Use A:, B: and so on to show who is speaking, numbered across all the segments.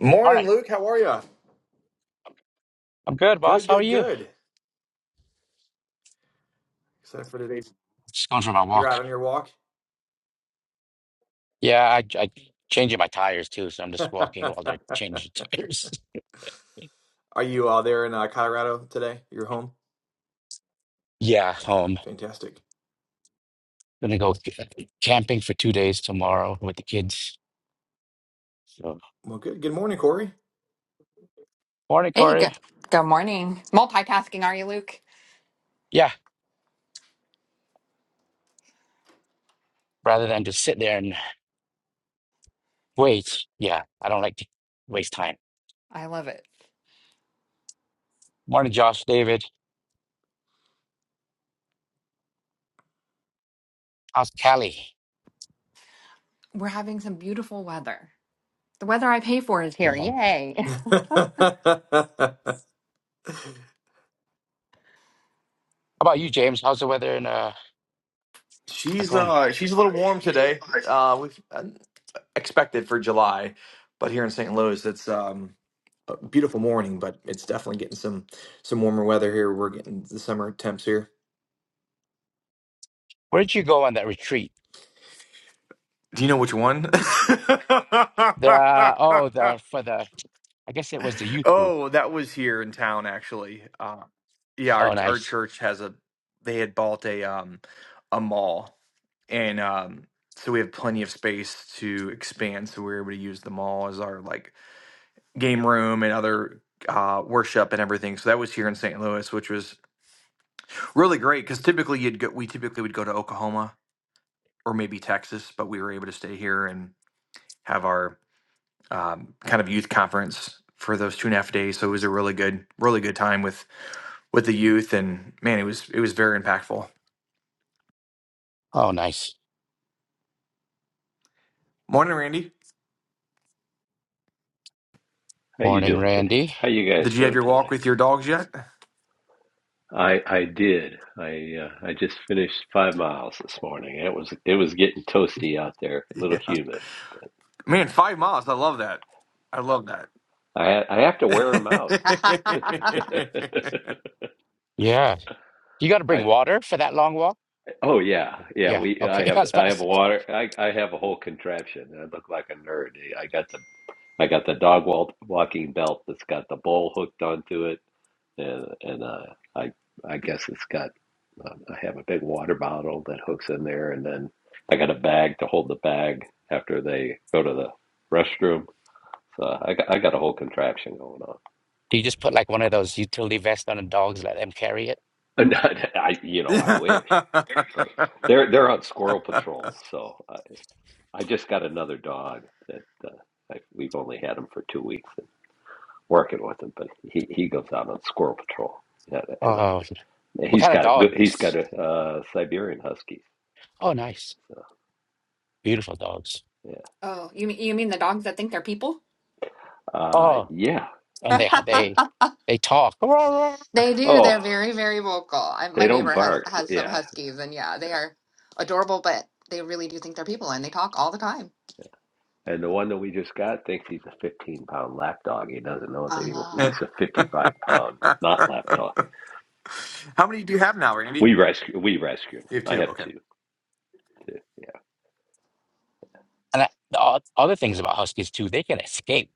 A: Morning,
B: Morning.
A: Luke. How are you?
B: I'm good, boss.
A: Good,
B: How are
A: good,
B: you?
A: good. Except for today,
B: Just going for my
A: you're out
B: walk.
A: on your walk.
B: Yeah, I, I changing my tires too, so I'm just walking while
A: are
B: they're changing tires.
A: you uh, there in uh, Colorado today? You're home.
B: Yeah, home.
A: Fantastic.
B: Gonna go c- camping for two days tomorrow with the kids. So
A: Well, good. Good morning, Corey.
B: morning,
C: Hey,
B: Corey.
C: good, good morning. Multitasking, are you, Luke?
B: Yeah, rather than just sit there and wait. Yeah, I don't like to waste time.
C: I love it.
B: Morning, Josh, David. How's Cali?
C: We're having some beautiful weather. The weather I pay for is here.
B: Going on? How
C: Yay.
B: about you, James? How's the weather in uh,
A: she's
B: Tacoma?
A: uh, she's a little warm today. Uh, we've uh, expected for July, but here in St. Louis, it's um, a beautiful morning, but it's definitely getting some some warmer weather here. We're getting the summer temps here.
B: Where did you go on that retreat?
A: Do you know which one?
B: The oh, the for the I guess it was the youth group.
A: Oh, that was here in town actually. Uh, yeah,
B: Oh,
A: our our
B: nice.
A: church has a they had bought a um a mall, and um so we have plenty of space to expand. So we were able to use the mall as our like game room and other uh worship and everything. So that was here in St. Louis, which was really great because typically you'd go we typically would go to Oklahoma or maybe Texas, but we were able to stay here and have our um, kind of youth conference for those two and a half days. So it was a really good, really good time with with the youth, and man, it was it was very impactful.
B: Oh, nice.
A: Morning, Randy.
D: How you
B: Morning,
D: doing today?
B: Randy.
D: How you
A: Did
D: guys
A: you have
D: doing
A: your walk
D: today?
A: with your dogs yet?
D: I I did. I uh, I just finished five miles this morning. It was it was getting toasty out there, a little
A: Yeah,
D: humid.
A: man, five miles. I love that. I love that.
D: I ha I have to wear them out.
B: Yeah. You got to
D: I
B: bring water for that long walk?
D: oh yeah yeah
B: Yeah.
D: we I
B: Okay. I
D: have
B: was
D: I
B: about to
D: have
B: say,
D: water I I have a whole contraption. I look like a nerd. I got the I got the dog walk, walking belt that's got the bowl hooked onto it. and and uh, I I guess it's got um, I have a big water bottle that hooks in there, and then I got a bag to hold the bag after they go to the restroom. So I got I got a whole contraption going on.
B: do you just put like one of those utility vests on the dog's, let them carry it?
D: And I, I you know I wish, but they're they're on squirrel patrol. So I, I just got another dog that uh, I, we've only had him for two weeks and working with him, but he he goes out on squirrel patrol. Yeah, and, uh,
B: Oh, what
D: he's
B: kind of
D: got good. He's got
B: dogs?
D: a uh, Siberian Husky.
B: Oh, nice. Beautiful dogs.
D: Yeah.
C: oh, you mean you mean the dogs that think they're people?
D: Uh,
B: Oh,
D: yeah.
B: and they
D: Yeah.
B: they they talk.
C: They do.
D: Oh,
C: They're very, very vocal. I, my
D: they don't
C: neighbor has
D: bark.
C: has some
D: Yeah.
C: huskies, and yeah, they are adorable, but they really do think they're people, and they talk all the time.
D: And the one that we just got thinks he's a 15 pound lapdog. He doesn't know that he,
C: Ah,
D: he's a 55 pound not lapdog.
A: How many do you have now, Randy?
D: We rescue. We rescued him.
A: You have
D: I
A: two.
D: have
A: Okay.
D: two. two. Yeah.
B: And I, the o- other things about huskies too, they can escape.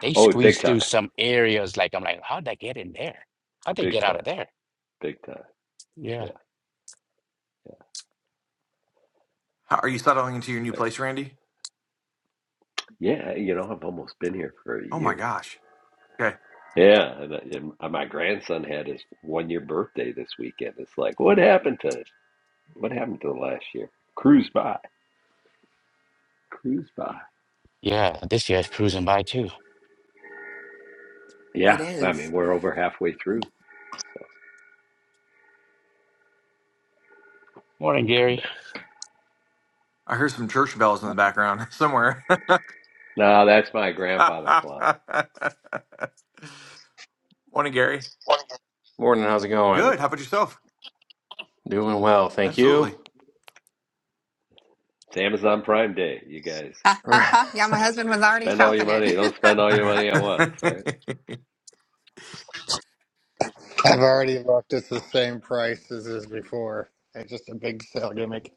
B: They
D: Oh, big
B: squeeze
D: time.
B: through some areas like I'm like, how'd they get in there? How'd they get
D: Big
B: out
D: time.
B: of there?
D: Big time.
B: Yeah.
D: Yeah. Yeah.
A: How, are you settling into your new
D: There.
A: place, Randy?
D: Yeah. You know, I've almost been here for a
A: Oh my
D: year.
A: gosh. Okay.
D: Yeah, and, uh, and uh, my grandson had his one year birthday this weekend. It's like, what happened to what happened to last year? Cruise by, cruise by.
B: Yeah. This year's cruising by too.
C: it
D: Yeah, I
C: is.
D: mean we're over halfway through. So
B: Morning, Gary.
A: I heard some church bells in the background somewhere.
D: no, that's my grandfather clock.
A: Morning, Gary.
E: Morning, how's it going?
A: Good. How about yourself?
E: Doing well, thank
A: Absolutely.
E: you.
D: It's Amazon Prime Day, you guys.
C: Yeah, my husband was already
D: Spend all your
C: shopping it.
D: money. Don't spend all your money at once, right?
F: I've already looked. It's the same price as is before. It's just a big sale gimmick.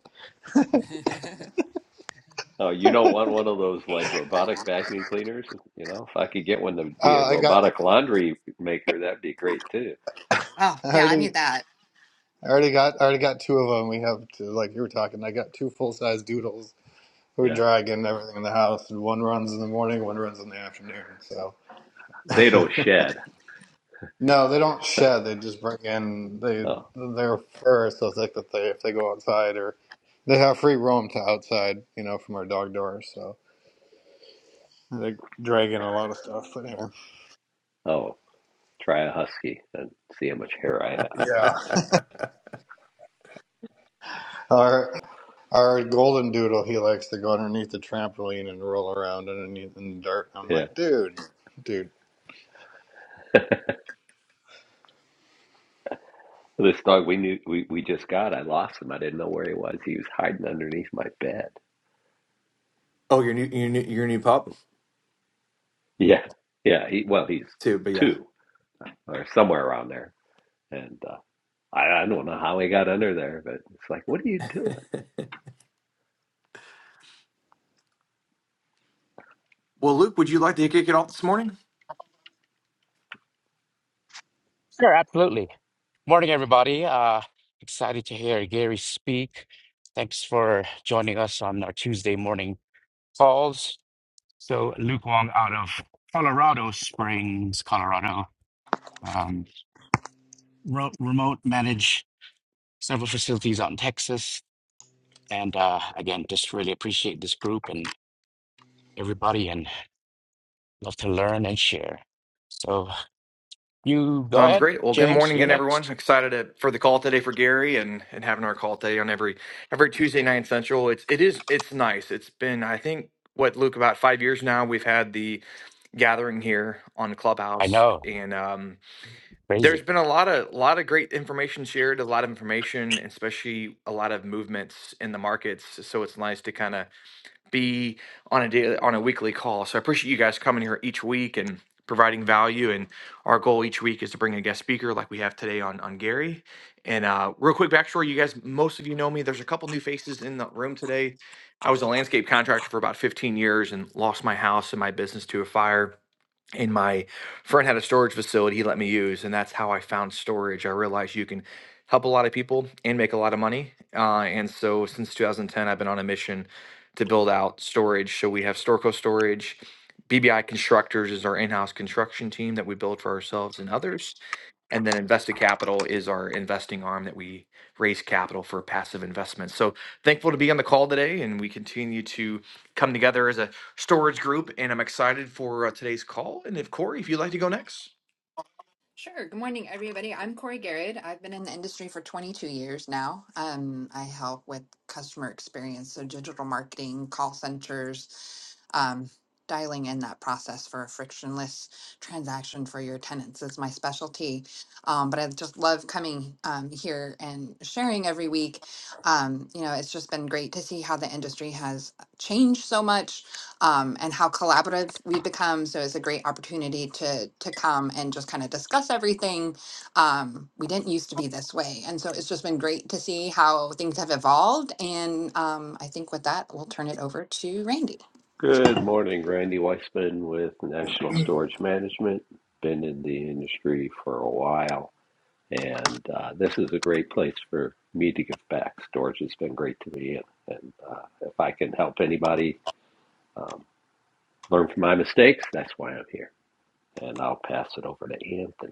D: Oh, you don't want one of those like robotic vacuum cleaners, you know? If I could get one to be a
F: Uh, I got.
D: robotic laundry maker, that'd be great too.
C: Oh,
F: I
C: yeah, I
F: already.
C: need that.
F: I already got. I already got two of them. We have to like you were talking. I got two full size doodles who
D: Yeah.
F: drag in everything in the house, and one runs in the morning, one runs in the afternoon. So
D: They don't shed.
F: no, they don't shed. They just bring in. They
D: Oh,
F: their fur is so thick that they if they go outside or they have free roam to outside. You know, from our dog doors. So they drag in a lot of stuff. But anyway.
D: oh, try a husky and see how much hair I have.
F: Yeah. All right. Our golden doodle, he likes to go underneath the trampoline and roll around underneath in the dirt. I'm
D: Yeah.
F: like, dude, dude.
D: This dog we knew we, we just got, I lost him. I didn't know where he was. He was hiding underneath my bed.
A: oh, your new your new your new pup
D: Yeah, yeah. He, well, he's
A: too, but yeah.
D: two or somewhere around there, and uh, I, I don't know how he got under there, but it's like, what are you doing?
A: well, Luke, would you like to kick it off this morning?
B: Sure, absolutely. Morning, everybody. Uh, excited to hear Gary speak. Thanks for joining us on our Tuesday morning calls. So, Luke Wong out of Colorado Springs, Colorado, um, ro- remote manage several facilities out in Texas. And uh, again, just really appreciate this group and everybody and love to learn and share. So, you go
A: Sounds
B: ahead,
A: great. Well, good
B: James.
A: morning
B: You're
A: again, everyone.
B: next.
A: Excited to, for the call today for Gary and and having our call today on every every Tuesday night central. It's it is it's nice. It's been I think what Luke about five years now. We've had the gathering here on
B: I
A: Clubhouse,
B: know,
A: and um, there's been a lot of lot of great information shared, a lot of information, especially a lot of movements in the markets. So so it's nice to kind of be on a daily, on a weekly call. So I appreciate you guys coming here each week and providing value. And our goal each week is to bring a guest speaker, like we have today on on Gary. And uh, real quick backstory, you guys, most of you know me. There's a couple new faces in the room today. I was a landscape contractor for about 15 years and lost my house and my business to a fire and my friend had a storage facility he let me use and that's how i found storage i realized you can help a lot of people and make a lot of money uh, and so since 2010 i've been on a mission to build out storage so we have storco storage bbi constructors is our in-house construction team that we build for ourselves and others and then invested capital is our investing arm that we raise capital for passive investments so thankful to be on the call today and we continue to come together as a storage group, and I'm excited for uh, today's call. And if Corey, if you'd like to go next.
C: Sure. Good morning, everybody. I'm Corey Garrett. I've been in the industry for 22 years now. Um, I help with customer experience, so digital marketing, call centers, um, dialing in that process for a frictionless transaction for your tenants is my specialty. Um, but I just love coming um, here and sharing every week. Um, you know, it's just been great to see how the industry has changed so much um, and how collaborative we've become. So it's a great opportunity to to come and just kind of discuss everything. Um, we didn't used to be this way, and so it's just been great to see how things have evolved. And um, I think with that, we'll turn it over to Randy.
D: Good morning, Randy Weissman with National Storage Management. Been in the industry for a while, and uh, this is a great place for me to give back. Storage has been great to me, and, and uh, if I can help anybody um, learn from my mistakes, that's why I'm here. And I'll pass it over to Anthony.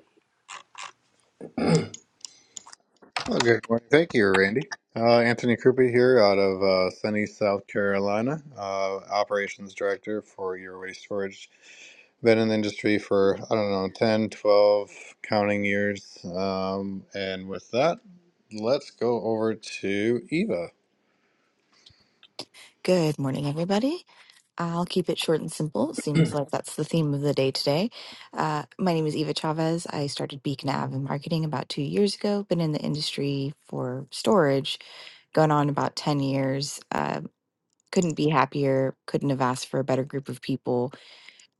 F: Well, good morning. Thank you, Randy. Uh, Anthony Krupe here out of uh, sunny South Carolina, uh, operations director for your waste storage. Been in the industry for, I don't know, 10, 12 counting years. Um, and with that, let's go over to Eva.
G: Good morning, everybody. I'll keep it short and simple. It seems like that's the theme of the day today. Uh, my name is Eva Chavez. I started Beacon Ave in marketing about two years ago. Been in the industry for storage, going on about 10 years. Uh, couldn't be happier. Couldn't have asked for a better group of people.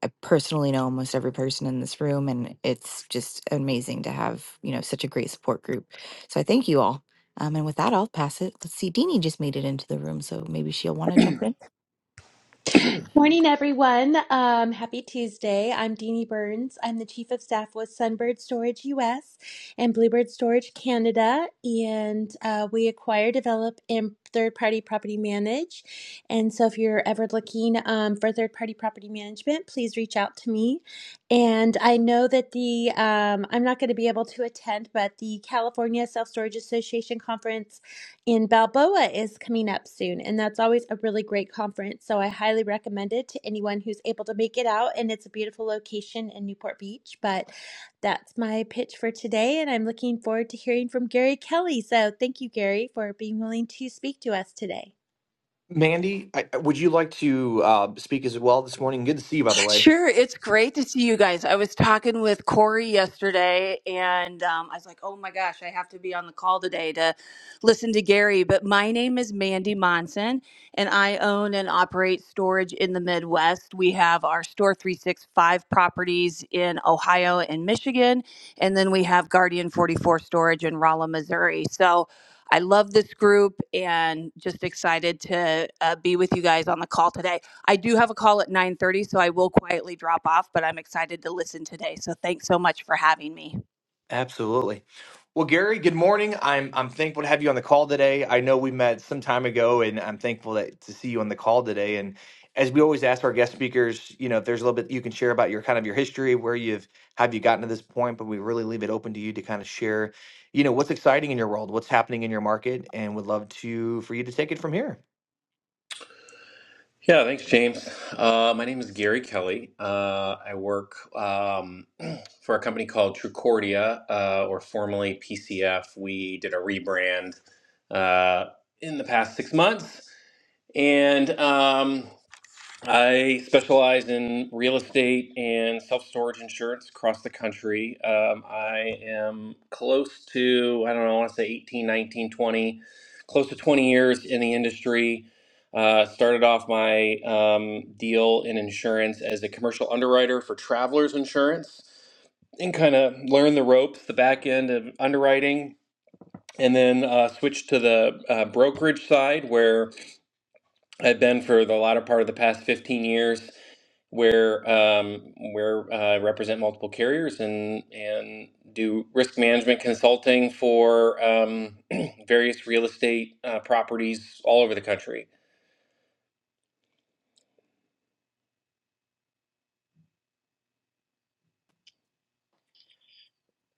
G: I personally know almost every person in this room, and it's just amazing to have you know such a great support group. So I thank you all. Um, and with that, I'll pass it. Let's see, Deanie just made it into the room, so maybe she'll want to jump in.
H: Morning, everyone. Um, happy Tuesday. I'm Deanie Burns. I'm the Chief of Staff with Sunbird Storage US and Bluebird Storage Canada. And uh, we acquire, develop, and third party property manage. And so if you're ever looking um, for third party property management, please reach out to me. And I know that the, um, I'm not going to be able to attend, but the California Self Storage Association Conference in Balboa is coming up soon, and that's always a really great conference. So I highly recommend it to anyone who's able to make it out. And it's a beautiful location in Newport Beach. But that's my pitch for today, and I'm looking forward to hearing from Gary Kelly. So thank you, Gary, for being willing to speak to us today.
A: Mandy, I, would you like to uh, speak as well this morning? Good to see you, by the way.
I: Sure, it's great to see you guys. I was talking with Corey yesterday, and um, I was like, "Oh my gosh, I have to be on the call today to listen to Gary." But my name is Mandy Monson, and I own and operate storage in the Midwest. We have our Store Three Six Five properties in Ohio and Michigan, and then we have Guardian Forty Four Storage in Rolla, Missouri. So. I love this group and just excited to uh, be with you guys on the call today. I do have a call at 9:30, so I will quietly drop off, but I'm excited to listen today. So thanks so much for having me.
A: Absolutely. Well, Gary, good morning. I'm I'm thankful to have you on the call today. I know we met some time ago, and I'm thankful that, to see you on the call today. And as we always ask our guest speakers, you know, if there's a little bit you can share about your kind of your history, where you've have you gotten to this point, but we really leave it open to you to kind of share, you know, what's exciting in your world, what's happening in your market, and would love to for you to take it from here.
E: Yeah, thanks, James. Uh, my name is Gary Kelly. Uh, I work um, for a company called Trucordia, uh, or formerly PCF. We did a rebrand uh, in the past six months, and um, I specialize in real estate and self storage insurance across the country. Um, I am close to, I don't know, I want to say 18, 19, 20, close to 20 years in the industry. Uh, started off my um, deal in insurance as a commercial underwriter for travelers insurance and kind of learned the ropes, the back end of underwriting, and then uh, switched to the uh, brokerage side where I've been for the latter part of the past 15 years, where um, where uh, I represent multiple carriers and and do risk management consulting for um, various real estate uh, properties all over the country.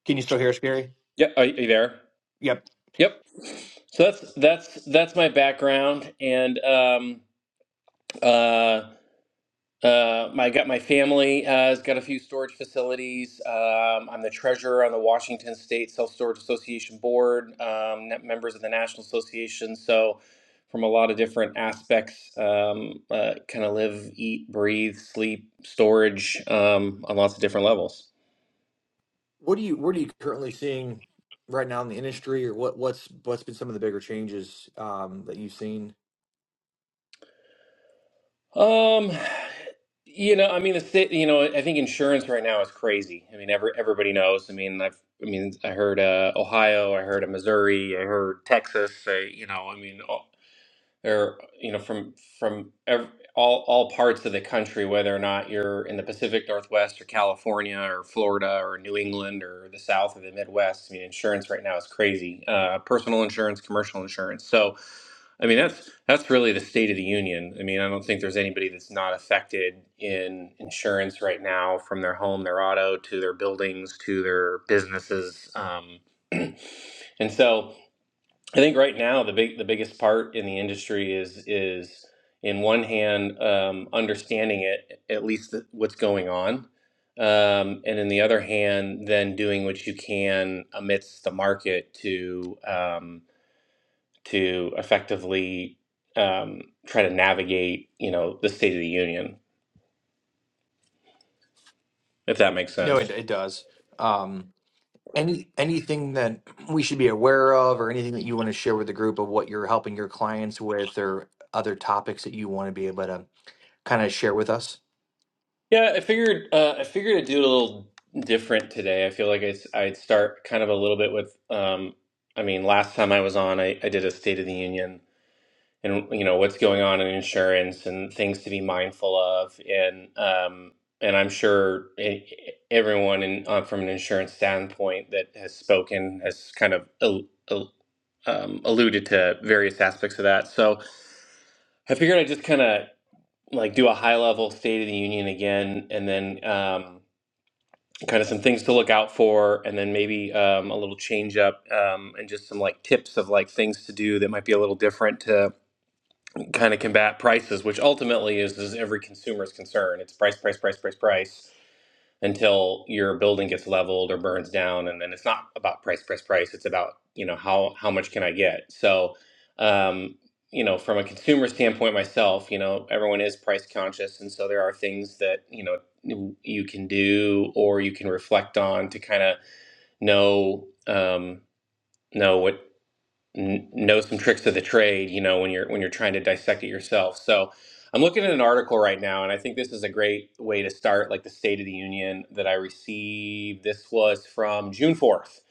A: Can you still hear us, Gary?
E: Yep, are, are you there?
A: Yep.
E: Yep. So that's that's that's my background, and um, uh, Uh, my got my family uh, has got a few storage facilities. Um, I'm the treasurer on the Washington State Self Storage Association board. Um, net- members of the National Association. So, from a lot of different aspects, um, uh, kind of live, eat, breathe, sleep, storage um, on lots of different levels.
A: What do you what are you currently seeing right now in the industry, or what what's what's been some of the bigger changes um, that you've seen?
E: Um, you know, I mean, the state, you know, I think insurance right now is crazy. I mean, every, everybody knows. I mean, I've, I mean, I heard uh, Ohio, I heard of Missouri, I heard Texas. I, you know, I mean. They're, you know, from from ev all all parts of the country, whether or not you're in the Pacific Northwest or California or Florida or New England or the South or the Midwest. I mean, insurance right now is crazy. Uh, personal insurance, commercial insurance. So, I mean, that's that's really the state of the union. I mean, I don't think there's anybody that's not affected in insurance right now, from their home, their auto, to their buildings, to their businesses. Um, and so. I think right now the big the biggest part in the industry is is in one hand um, understanding it at least th- what's going on, um, and in the other hand then doing what you can amidst the market to um, to effectively um, try to navigate you know the state of the union if that makes
A: No, it
E: sense.
A: it does. Um, Any anything that we should be aware of, or anything that you want to share with the group of what you're helping your clients with, or other topics that you want to be able to kind of share with us?
E: Yeah, I figured uh, I figured I'd do it a little different today. I feel like I, would start kind of a little bit with, um, I mean, last time I was on, I, I did a State of the Union and you know what's going on in insurance and things to be mindful of, and um, and I'm sure e- e, everyone in, uh, from an insurance standpoint that has spoken has kind of al al um, alluded to various aspects of that. So I figured I'd just kind of like do a high level State of the Union again, and then. Um, kind of some things to look out for and then maybe um, a little change up um, and just some like tips of like things to do that might be a little different to kind of combat prices which ultimately is, is every consumer's concern it's price price price price price until your building gets leveled or burns down and then it's not about price price price it's about you know how how much can i get so um you know from a consumer standpoint myself you know everyone is price conscious and so there are things that you know you can do or you can reflect on to kind of know um know what n- know some tricks of the trade you know when you're when you're trying to dissect it yourself so i'm looking at an article right now and i think this is a great way to start like the state of the union that i received this was from june 4th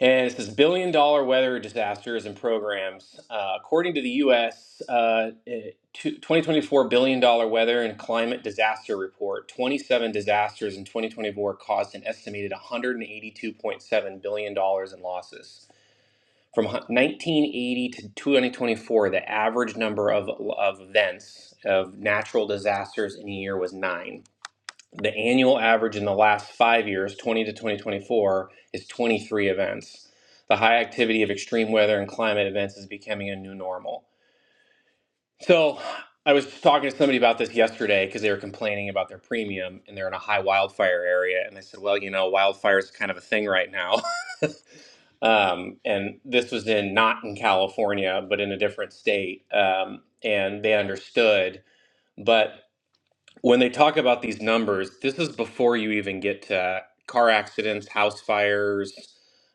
E: and it says billion dollar weather disasters and programs uh, according to the us uh, eh, two- 2024 billion dollar weather and climate disaster report 27 disasters in 2024 caused an estimated 182.7 billion dollars in losses from 1980 to 2024, the average number of, of events of natural disasters in a year was nine. The annual average in the last five years, 20 to 2024, is 23 events. The high activity of extreme weather and climate events is becoming a new normal. So I was talking to somebody about this yesterday because they were complaining about their premium and they're in a high wildfire area. And I said, well, you know, wildfire is kind of a thing right now um, and this was in not in California, but in a different state, um, and they understood. But when they talk about these numbers, this is before you even get to car accidents, house fires,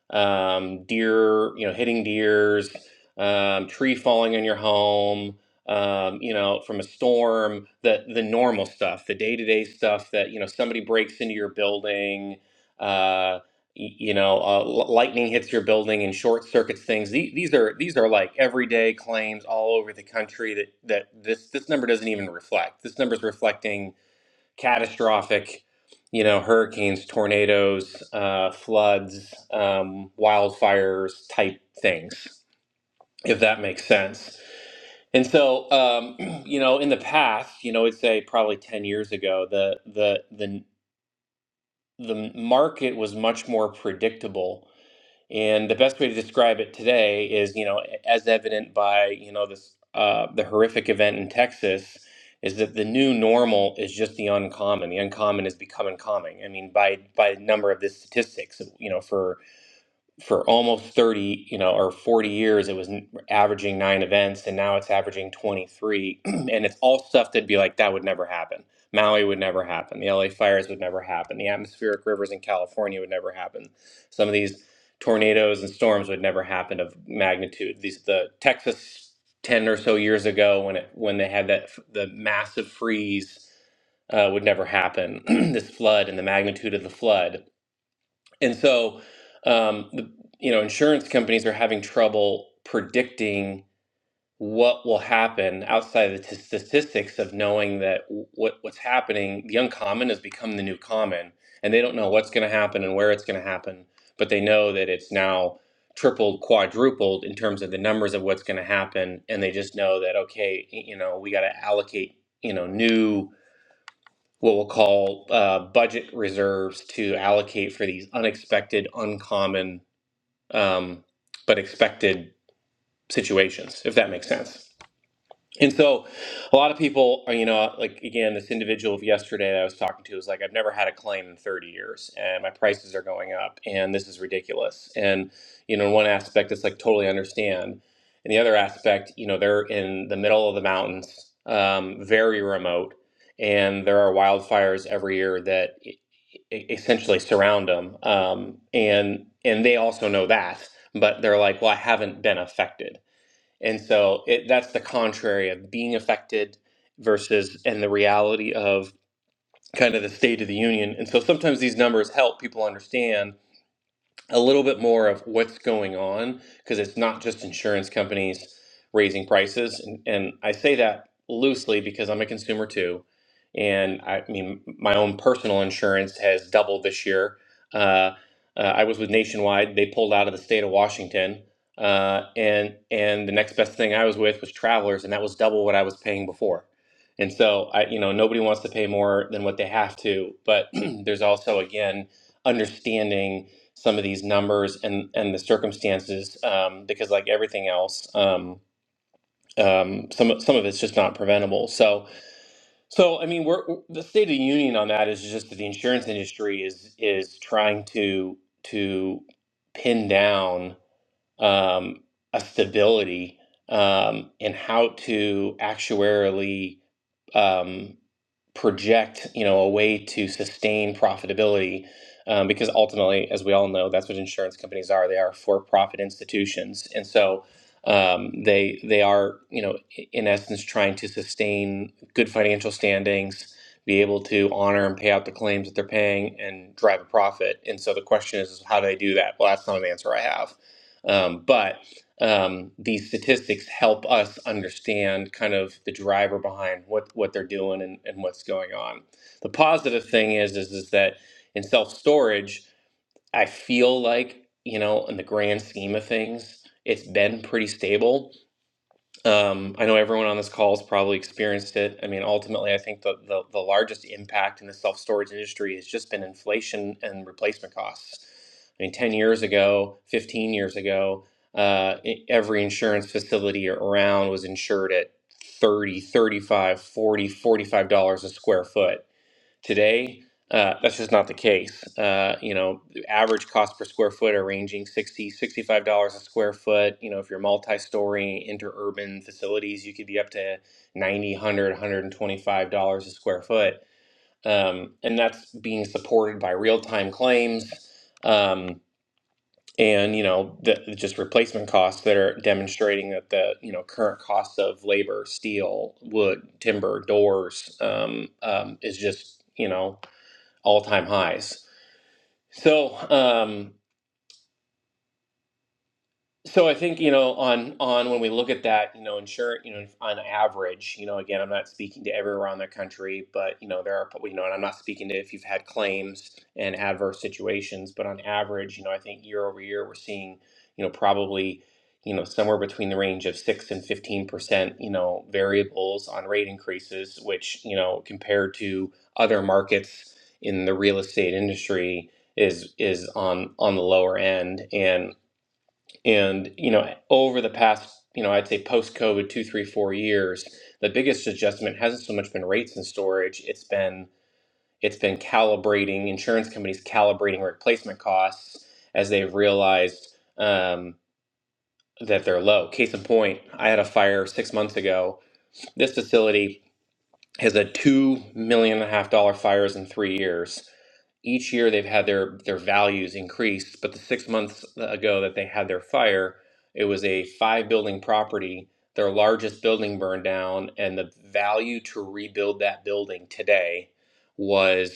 E: um, deer, you know, hitting deers, um, tree falling on your home, um, you know, from a storm, the the normal stuff, the day to day stuff that you know somebody breaks into your building Uh, y- you know, uh, l- lightning hits your building and short circuits things. These, these are these are like everyday claims all over the country that that this this number doesn't even reflect. This number is reflecting catastrophic, you know, hurricanes, tornadoes, uh, floods, um, wildfires type things, if that makes sense. And so, um, you know, in the past, you know, I'd say probably ten years ago, the the the the market was much more predictable and the best way to describe it today is, you know, as evident by, you know, this uh, the horrific event in Texas, is that the new normal is just the uncommon. The uncommon is becoming common. I mean, by by number of the statistics, you know, for for almost 30, you know, or 40 years, it was n- averaging nine events, and now it's averaging 23. and it's all stuff that'd be like, that would never happen. Maui would never happen. The LA fires would never happen. The atmospheric rivers in California would never happen. Some of these tornadoes and storms would never happen of magnitude. These the Texas 10 or so years ago when it when they had that f- the massive freeze uh, would never happen. this flood and the magnitude of the flood and so, um, the, you know, insurance companies are having trouble predicting what will happen outside of the t- statistics of knowing that w- what what's happening. The uncommon has become the new common, and they don't know what's going to happen and where it's going to happen. But they know that it's now tripled, quadrupled in terms of the numbers of what's going to happen, and they just know that okay, y- you know, we got to allocate, you know, new what we'll call uh, budget reserves to allocate for these unexpected, uncommon, um, but expected situations, if that makes sense. And so a lot of people are, you know, like again, this individual of yesterday that I was talking to was like, I've never had a claim in 30 years and my prices are going up and this is ridiculous. And, you know, in one aspect, it's like totally understand. And the other aspect, you know, they're in the middle of the mountains, um, very remote, and there are wildfires every year that e- e- essentially surround them. Um, and, and they also know that, but they're like, well, I haven't been affected and so it, that's the contrary of being affected versus and the reality of kind of the state of the union. And so sometimes these numbers help people understand a little bit more of what's going on because it's not just insurance companies raising prices and, and i say that loosely because i'm a consumer too and i mean my own personal insurance has doubled this year uh, uh, i was with nationwide they pulled out of the state of washington uh, and and the next best thing i was with was travelers and that was double what i was paying before and so i you know nobody wants to pay more than what they have to but there's also again understanding some of these numbers and and the circumstances um, because like everything else um, um, some of- some of it's just not preventable so so I mean we're the state of the union on that is just that the insurance industry is is trying to to pin down um, a stability um, in how to actuarially um, project you know a way to sustain profitability um, because ultimately as we all know that's what insurance companies are they are for profit institutions and so um, they they are you know i- in essence trying to sustain good financial standings be able to honor and pay out the claims that they're paying and drive a profit and so the question is, how do they do that well that's not an answer i have um, but um, these statistics help us understand kind of the driver behind what, what they're doing and, and what's going on. The positive thing is, is, is that in self storage, I feel like, you know, in the grand scheme of things, it's been pretty stable. Um, I know everyone on this call has probably experienced it. I mean, ultimately, I think the, the, the largest impact in the self storage industry has just been inflation and replacement costs. I mean, 10 years ago, 15 years ago, uh, e- every insurance facility around was insured at thirty, thirty five, forty, forty five dollars a square foot Today, uh, that's just not the case. Uh, you know, the average cost per square foot are ranging sixty, sixty five dollars a square foot. You know, if you're multi-story interurban facilities, you could be up to 90 one hundred, one hundred twenty-five dollars a square foot. Um, and that's being supported by real-time claims. Um, and you know the just replacement costs that are demonstrating that the you know current costs of labor steel wood timber doors um, um, is just you know all time highs. So um, So I think, you know, on on when we look at that, you know, insurance, you know, on average, you know, again, I'm not speaking to everywhere around the country, but you know, there are, you know, and I'm not speaking to if you've had claims and adverse situations, but on average, you know, I think year over year, we're seeing, you know, probably, you know, somewhere between the range of six and 15%, you know, variables on rate increases, which, you know, compared to other markets in the real estate industry is is on on the lower end. and. And, you know, over the past, you know, I'd say post COVID two, three, four years, the biggest adjustment hasn't so much been rates and storage. It's been it's been calibrating insurance companies calibrating replacement costs as they've realized um, that they're low. Case in point, I had a fire six months ago. This facility has had two million and a half dollar fires in three years each year they've had their their values increase but the six months ago that they had their fire it was a five building property their largest building burned down and the value to rebuild that building today was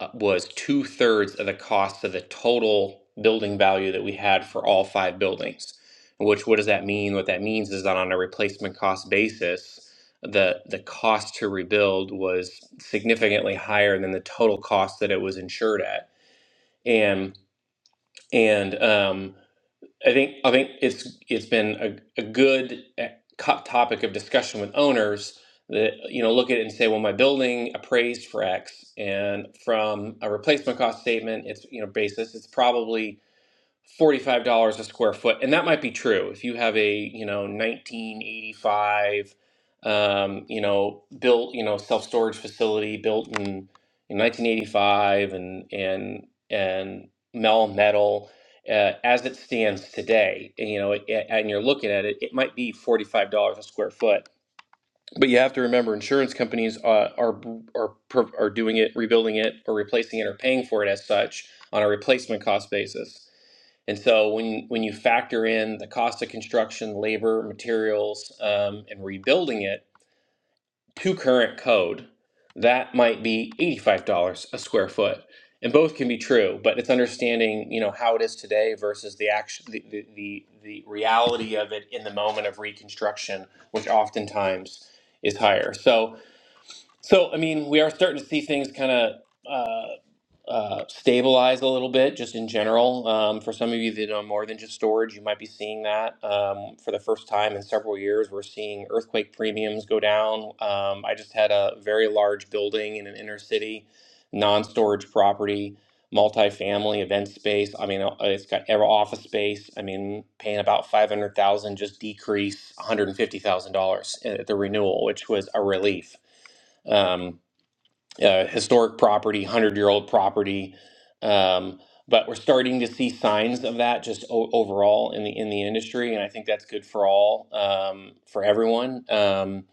E: uh, was two thirds of the cost of the total building value that we had for all five buildings which what does that mean what that means is that on a replacement cost basis the the cost to rebuild was significantly higher than the total cost that it was insured at and and um, I think I think it's it's been a, a good eh, co- topic of discussion with owners that you know look at it and say well my building appraised for X and from a replacement cost statement it's you know basis it's probably $45 a square foot and that might be true if you have a you know 1985 um, you know built you know self-storage facility built in, in 1985 and and and mel metal uh, as it stands today and, you know it, and you're looking at it it might be $45 a square foot but you have to remember, insurance companies uh, are are are doing it, rebuilding it, or replacing it, or paying for it as such on a replacement cost basis. And so, when when you factor in the cost of construction, labor, materials, um, and rebuilding it to current code, that might be $85 a square foot. And both can be true, but it's understanding, you know, how it is today versus the action, the, the, the, the reality of it in the moment of reconstruction, which oftentimes is higher. So, so, I mean, we are starting to see things kind of uh, uh, stabilize a little bit, just in general. Um, for some of you that know more than just storage, you might be seeing that um, for the first time in several years. We're seeing earthquake premiums go down. Um, I just had a very large building in an inner city, non-storage property, multifamily event space. I mean, uh, it's got every office space. I mean, paying about five hundred thousand just decrease one hundred and fifty thousand dollars uh, at the renewal, which was a relief um, uh, historic property, 100 year old property. Um, but we're starting to see signs of that just o- overall in the in the industry, and I think that's good for all, um, for everyone. Um,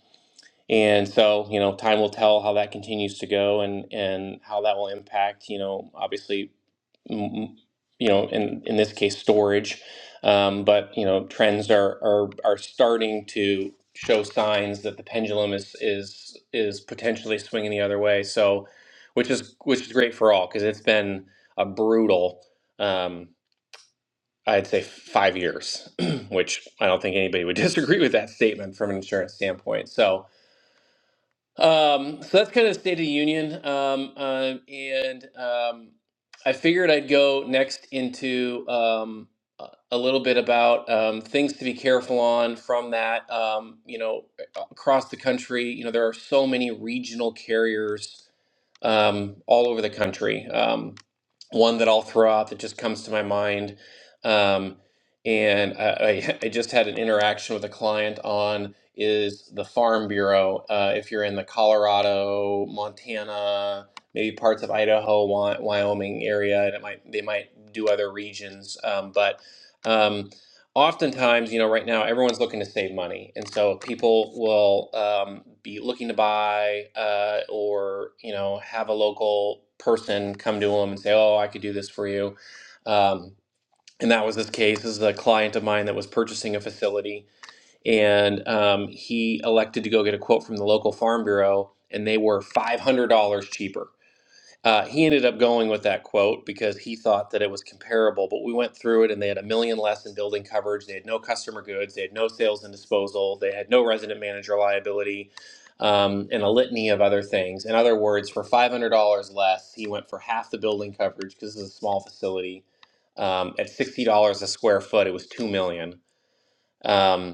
E: and so, you know, time will tell how that continues to go, and and how that will impact, you know, obviously m- you know, in in this case, storage. Um, but you know, trends are are are starting to show signs that the pendulum is is is potentially swinging the other way. So, which is which is great for all because it's been a brutal, um, I'd say, five years, which I don't think anybody would disagree with that statement from an insurance standpoint. So. Um, so that's kind of state of the union. Um, um, and um, I figured I'd go next into um, a a little bit about um, things to be careful on from that. Um, you know, across the country, you know, there are so many regional carriers um, all over the country. Um, one that I'll throw out that just comes to my mind, um, and I, I, I just had an interaction with a client on is the Farm Bureau. Uh, if you're in the Colorado, Montana, maybe parts of Idaho, Wy- Wyoming area, and it might they might do other regions, um, but. Um, oftentimes, you know, right now everyone's looking to save money, and so people will um, be looking to buy uh, or you know have a local person come to them and say, "Oh, I could do this for you." Um, and that was this case. This is a client of mine that was purchasing a facility, and um, he elected to go get a quote from the local farm bureau, and they were five hundred dollars cheaper uh, he ended up going with that quote because he thought that it was comparable, but we went through it and they had a million less in building coverage. They had no customer goods, they had no sales and disposal, they had no resident manager liability, um, and a litany of other things. In other words, for $500 less, he went for half the building coverage because this is a small facility. Um, at $60 a square foot, it was $2 million. Um,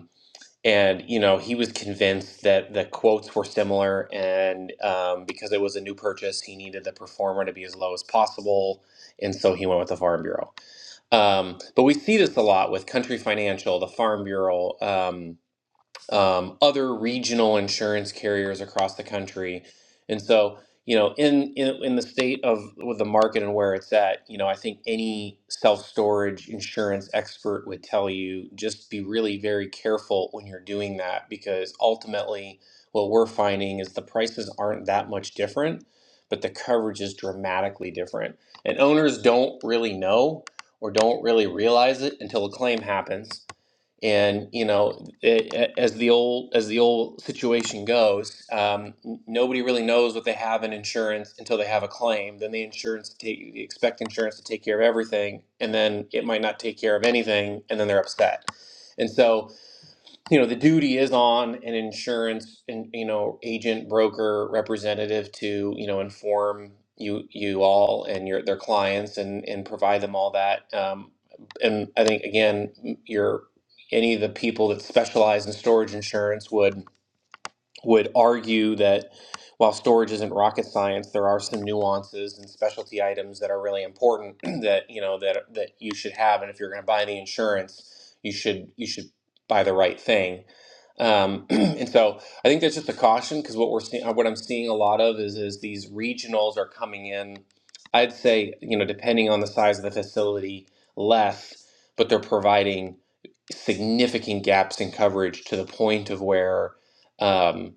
E: and you know he was convinced that the quotes were similar and um, because it was a new purchase he needed the performer to be as low as possible and so he went with the farm bureau um, but we see this a lot with country financial the farm bureau Um, um, other regional insurance carriers across the country. And so, you know, in, in in the state of with the market and where it's at, you know, I think any self-storage insurance expert would tell you just be really very careful when you're doing that because ultimately what we're finding is the prices aren't that much different, but the coverage is dramatically different. And owners don't really know or don't really realize it until a claim happens and you know it, as the old as the old situation goes um, n- nobody really knows what they have in insurance until they have a claim then the insurance take you expect insurance to take care of everything and then it might not take care of anything and then they're upset and so you know the duty is on an insurance and you know agent broker representative to you know inform you you all and your their clients and and provide them all that um, and i think again your any of the people that specialize in storage insurance would would argue that while storage isn't rocket science, there are some nuances and specialty items that are really important that you know that that you should have, and if you're going to buy the insurance, you should you should buy the right thing. Um, and so I think that's just a caution because what we're seeing, what I'm seeing a lot of is is these regionals are coming in. I'd say you know depending on the size of the facility, less, but they're providing significant gaps in coverage to the point of where um,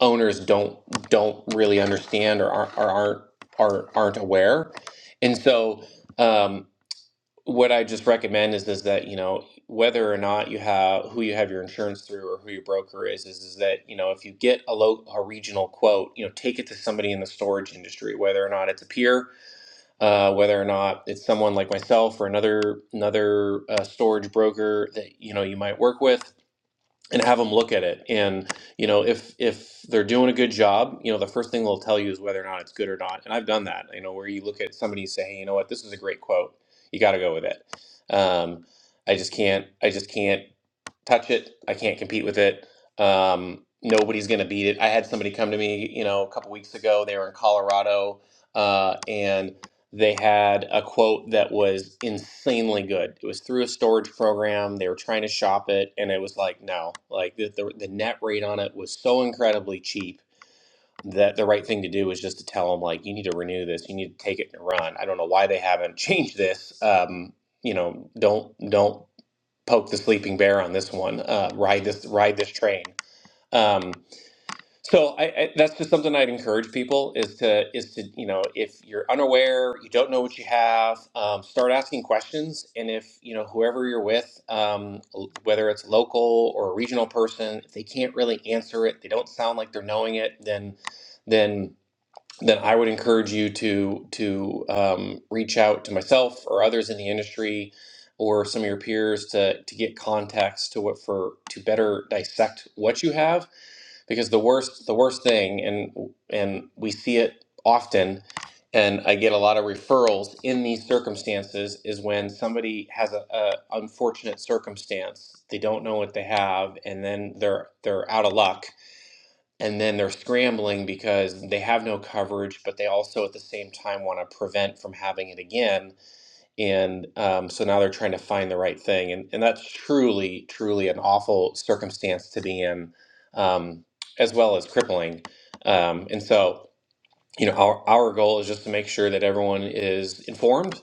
E: owners don't don't really understand or aren't or aren't, are, aren't aware. And so, um, what I just recommend is is that you know whether or not you have who you have your insurance through or who your broker is is, is that you know if you get a low a regional quote you know take it to somebody in the storage industry whether or not it's a peer uh, whether or not it's someone like myself or another another uh, storage broker that you know you might work with and have them look at it and you know if if they're doing a good job you know the first thing they'll tell you is whether or not it's good or not and i've done that you know where you look at somebody and say hey you know what this is a great quote you got to go with it um, i just can't i just can't touch it. I can't compete with it. Um, nobody's going to beat it. I had somebody come to me, you know, a couple weeks ago. They were in Colorado, uh, and they had a quote that was insanely good. It was through a storage program. They were trying to shop it, and it was like, no, like the, the, the net rate on it was so incredibly cheap that the right thing to do was just to tell them, like, you need to renew this. You need to take it and run. I don't know why they haven't changed this. Um, you know, don't don't poke the sleeping bear on this one. Uh, ride this ride this train. Um, so I, I, that's just something I'd encourage people is to is to you know if you're unaware, you don't know what you have, um, start asking questions. And if you know whoever you're with, um, l- whether it's local or a regional person, if they can't really answer it, they don't sound like they're knowing it, then then then I would encourage you to to um, reach out to myself or others in the industry or some of your peers to to get context to what for to better dissect what you have because the worst the worst thing and and we see it often and I get a lot of referrals in these circumstances is when somebody has a, a unfortunate circumstance they don't know what they have and then they're they're out of luck and then they're scrambling because they have no coverage, but they also at the same time want to prevent from having it again. And um, so now they're trying to find the right thing, and and that's truly, truly an awful circumstance to be in, um, as well as crippling. Um, and so you know, our our goal is just to make sure that everyone is informed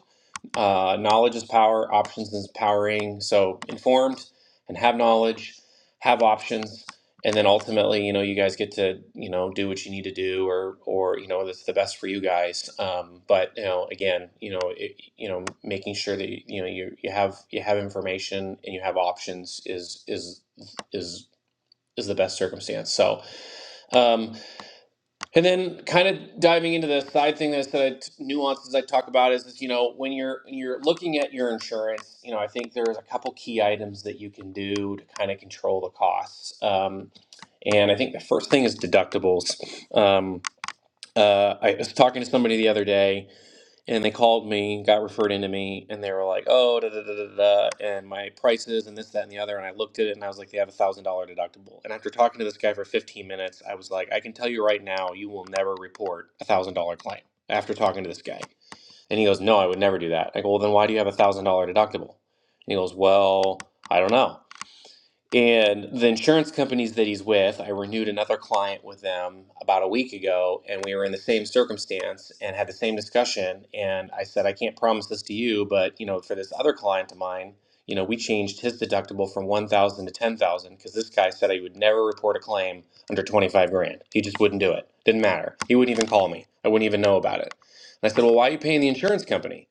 E: uh, knowledge is power, options is powering. So informed and have knowledge, have options, and then ultimately, you know, you guys get to you know do what you need to do, or or you know that's the best for you guys. Um, but you know, again, you know, it, you know, making sure that you know you you have you have information and you have options is is is is the best circumstance. So. Um, and then, kind of diving into the side thing that I said, nuances I talk about is, is you know when you're you're looking at your insurance, you know I think there's a couple key items that you can do to kind of control the costs. Um, and I think the first thing is deductibles. Um, uh, I was talking to somebody the other day, and they called me, got referred into me, and they were like, "Oh, da da da da da," and my prices and this, that, and the other. And I looked at it and I was like, "They have a thousand dollar deductible." And after talking to this guy for fifteen minutes, I was like, "I can tell you right now, you will never report a thousand dollar claim." After talking to this guy, and he goes, "No, I would never do that." I go, "Well, then why do you have a thousand dollar deductible?" And he goes, "Well, I don't know." And the insurance companies that he's with, I renewed another client with them about a week ago, and we were in the same circumstance and had the same discussion. And I said, I can't promise this to you, but you know, for this other client of mine, you know, we changed his deductible from one thousand to ten thousand because this guy said he would never report a claim under twenty five grand. He just wouldn't do it. Didn't matter. He wouldn't even call me. I wouldn't even know about it. And I said, Well, why are you paying the insurance company?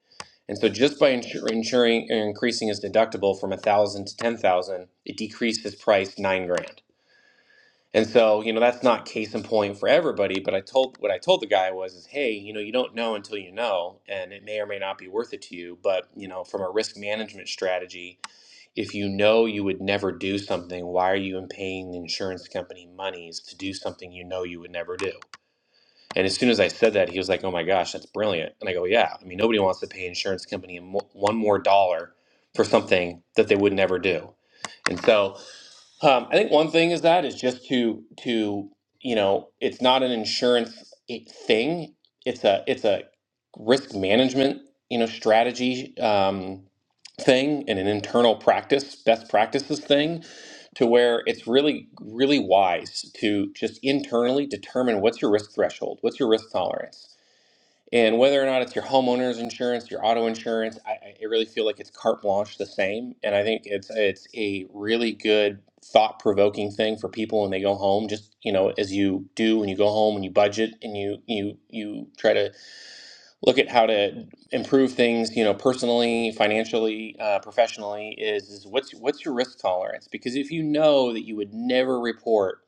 E: And so just by insur- insuring or increasing his deductible from a thousand to ten thousand, it decreased his price nine grand. And so, you know, that's not case in point for everybody, but I told what I told the guy was is, hey, you know, you don't know until you know, and it may or may not be worth it to you. But, you know, from a risk management strategy, if you know you would never do something, why are you paying the insurance company monies to do something you know you would never do? And as soon as I said that, he was like, "Oh my gosh, that's brilliant!" And I go, "Yeah, I mean, nobody wants to pay insurance company mo- one more dollar for something that they would never do." And so um, I think one thing is that is just to to you know it's not an insurance i- thing. It's a it's a risk management you know strategy um, thing and an internal practice best practices thing to where it's really really wise to just internally determine what's your risk threshold, what's your risk tolerance and whether or not it's your homeowner's insurance, your auto insurance, I, I really feel like it's carte blanche the same. And I think it's it's a really good thought provoking thing for people when they go home. Just you know, as you do when you go home and you budget and you you you try to look at how to improve things, you know, personally, financially, uh, professionally is, is what's what's your risk tolerance? Because if you know that you would never report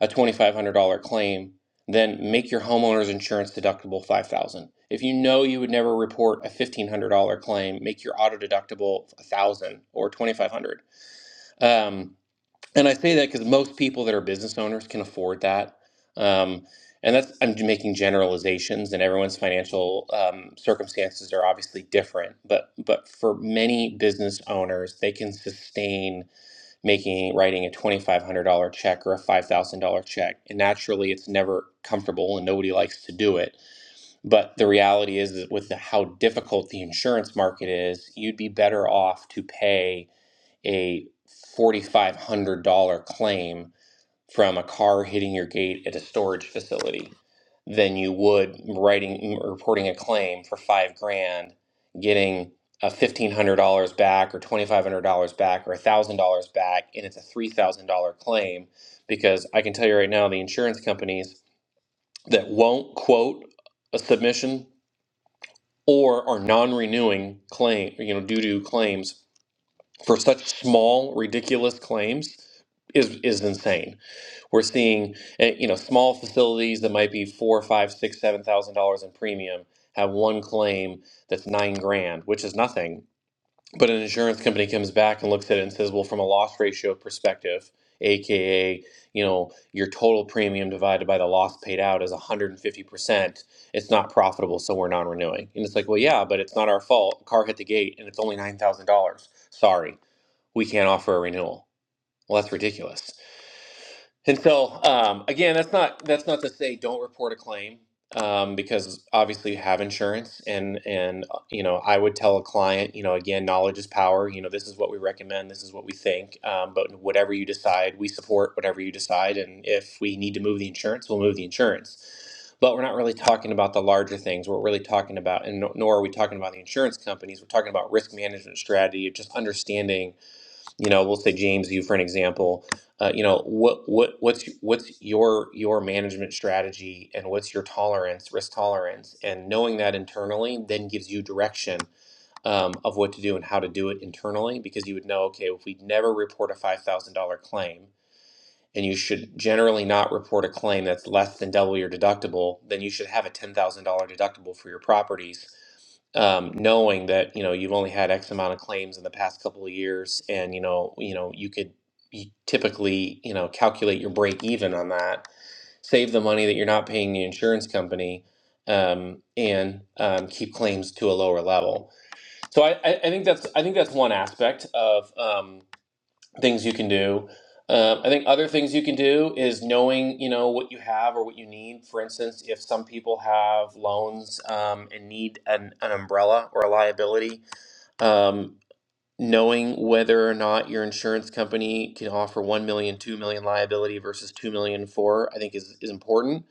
E: a twenty five hundred dollar claim, then make your homeowner's insurance deductible five thousand. dollars. If you know you would never report a fifteen hundred dollar claim, make your auto deductible a thousand dollars or twenty five hundred. dollars. Um, and I say that because most people that are business owners can afford that. Um, and that's, I'm making generalizations, and everyone's financial um, circumstances are obviously different. But, but for many business owners, they can sustain making, writing a $2,500 check or a $5,000 check. And naturally, it's never comfortable and nobody likes to do it. But the reality is that with the, how difficult the insurance market is, you'd be better off to pay a $4,500 claim from a car hitting your gate at a storage facility than you would writing reporting a claim for five grand, getting a $1,500 back or $2,500 back or $1,000 back, and it's a $3,000 claim. Because I can tell you right now, the insurance companies that won't quote a submission or are non renewing claim, you know, due to claims for such small, ridiculous claims is is insane. We're seeing eh, you know small facilities that might be four, five, six, seven thousand dollars in premium have one claim that's nine grand, which is nothing. But an insurance company comes back and looks at it and says, well, from a loss ratio perspective, aka you know your total premium divided by the loss paid out is 150%. It's not profitable, so we're non-renewing. And it's like, well, yeah, but it's not our fault. Car hit the gate, and it's only nine thousand dollars. Sorry we can't offer a renewal. Well, that's ridiculous. And so, um, again, that's not that's not to say don't report a claim um, because obviously you have insurance, and and uh, you know I would tell a client, you know, again, knowledge is power. You know, this is what we recommend, this is what we think. Um, but whatever you decide, we support whatever you decide, and if we need to move the insurance, we'll move the insurance. But we're not really talking about the larger things. We're really talking about, and nor nor are we talking about the insurance companies. We're talking about risk management strategy, just understanding you know we'll say james you for an example uh, you know what what what's what's your your management strategy and what's your tolerance risk tolerance and knowing that internally then gives you direction um, of what to do and how to do it internally because you would know okay if we never report a $5000 claim and you should generally not report a claim that's less than double your deductible then you should have a $10000 deductible for your properties um, knowing that you know you've only had X amount of claims in the past couple of years, and you know you know you could you typically you know calculate your break even on that, save the money that you're not paying the insurance company, um, and um, keep claims to a lower level. So I, I, I think that's I think that's one aspect of. Um, things you can do. Um, I think other things you can do is knowing, you know, what you have or what you need. For instance, if some people have loans um, and need an, an umbrella or a liability, um, knowing whether or not your insurance company can offer one million, two million liability versus 2 million for, I think is, is important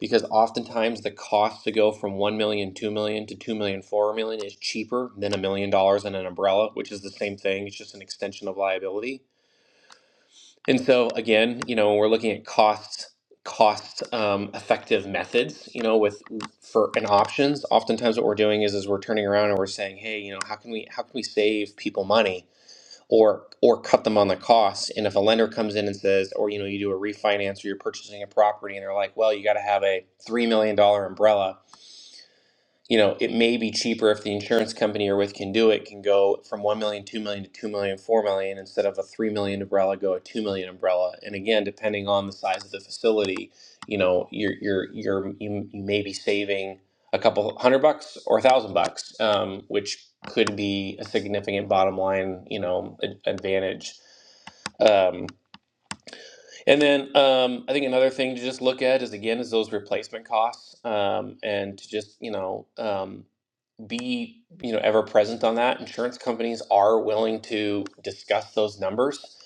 E: because oftentimes the cost to go from one million, two million to two million, four million is cheaper than a million dollars in an umbrella, which is the same thing. It's just an extension of liability. And so again, you know, we're looking at costs, cost um, effective methods, you know, with for and options. Oftentimes what we're doing is is we're turning around and we're saying, hey, you know, how can we how can we save people money or or cut them on the costs? And if a lender comes in and says, or you know, you do a refinance or you're purchasing a property and they're like, well, you gotta have a three million dollar umbrella you know, it may be cheaper if the insurance company you're with can do it, can go from one million, two million to two million, four million instead of a 3 million umbrella, go a 2 million umbrella. And again, depending on the size of the facility, you know, you're, you're, you're, you, you may be saving a couple hundred bucks or a thousand bucks, um, which could be a significant bottom line, you know, ad- advantage. Um, and then um, I think another thing to just look at is again is those replacement costs um, and to just you know um, be you know ever present on that. Insurance companies are willing to discuss those numbers,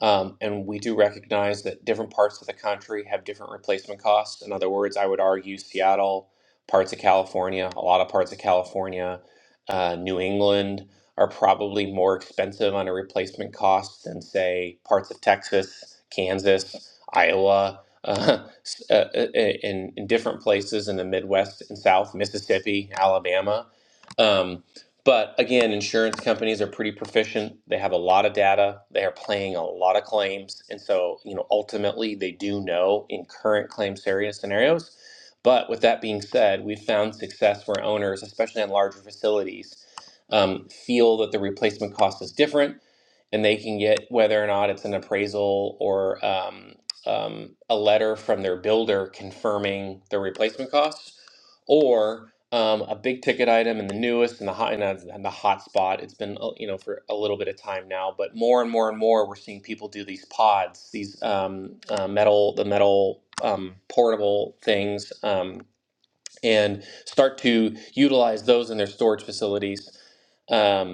E: um, and we do recognize that different parts of the country have different replacement costs. In other words, I would argue Seattle, parts of California, a lot of parts of California, uh, New England are probably more expensive on a replacement cost than say parts of Texas, Kansas, Iowa. Uh, s- uh, uh, in, in different places in the Midwest and South, Mississippi, Alabama, um, but again, insurance companies are pretty proficient. They have a lot of data. They are playing a lot of claims, and so you know ultimately they do know in current claim area scenarios. But with that being said, we've found success where owners, especially on larger facilities, um, feel that the replacement cost is different, and they can get whether or not it's an appraisal or um, um, a letter from their builder confirming the replacement costs, or um, a big ticket item and the newest and the hot and, the- and the hot spot. It's been uh, you know for a little bit of time now, but more and more and more we're seeing people do these pods, these um, uh, metal the metal um, portable things, um, and start to utilize those in their storage facilities. Um,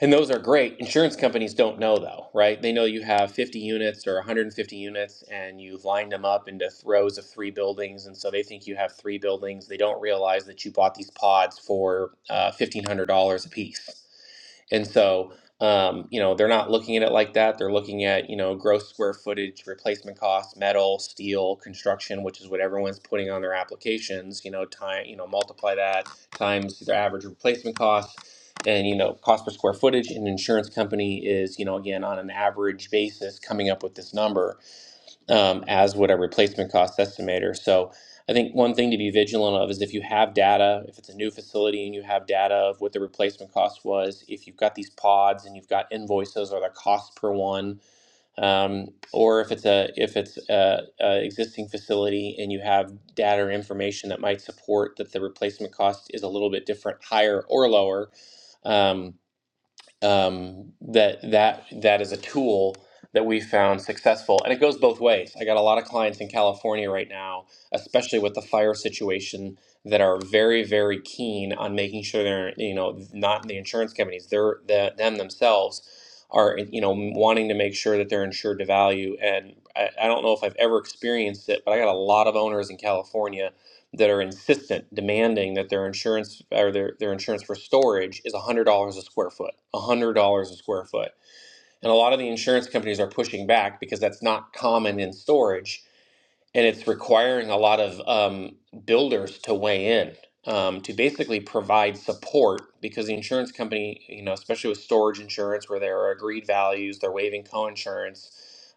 E: and those are great. Insurance companies don't know though, right? They know you have 50 units or 150 units and you've lined them up into rows of three buildings. And so they think you have three buildings. They don't realize that you bought these pods for uh, $1,500 a piece. And so, um, you know, they're not looking at it like that. They're looking at, you know, gross square footage, replacement costs, metal, steel, construction, which is what everyone's putting on their applications, you know, time, you know, multiply that times their average replacement cost and you know cost per square footage an insurance company is you know again on an average basis coming up with this number um, as would a replacement cost estimator so i think one thing to be vigilant of is if you have data if it's a new facility and you have data of what the replacement cost was if you've got these pods and you've got invoices or the cost per one um, or if it's a if it's a, a existing facility and you have data or information that might support that the replacement cost is a little bit different higher or lower um, um, that that that is a tool that we found successful and it goes both ways i got a lot of clients in california right now especially with the fire situation that are very very keen on making sure they're you know not the insurance companies they're the, them themselves are you know wanting to make sure that they're insured to value and I, I don't know if i've ever experienced it but i got a lot of owners in california that are insistent, demanding that their insurance or their, their insurance for storage is $100 a square foot, $100 a square foot. And a lot of the insurance companies are pushing back because that's not common in storage and it's requiring a lot of um, builders to weigh in um, to basically provide support because the insurance company, you know, especially with storage insurance where there are agreed values, they're waiving co-insurance.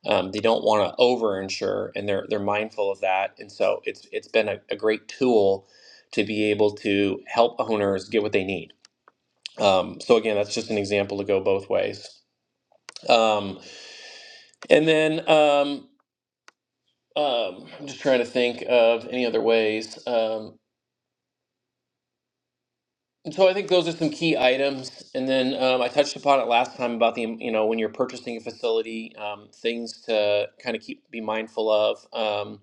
E: Um, they don't want to over-insure, and they're they're mindful of that. And so it's it's been a, a great tool to be able to help owners get what they need. Um, so again, that's just an example to go both ways. Um, and then um, um, I'm just trying to think of any other ways. Um, And So I think those are some key items, and then um, I touched upon it last time about the you know when you're purchasing a facility, um, things to kind of keep be mindful of. Um,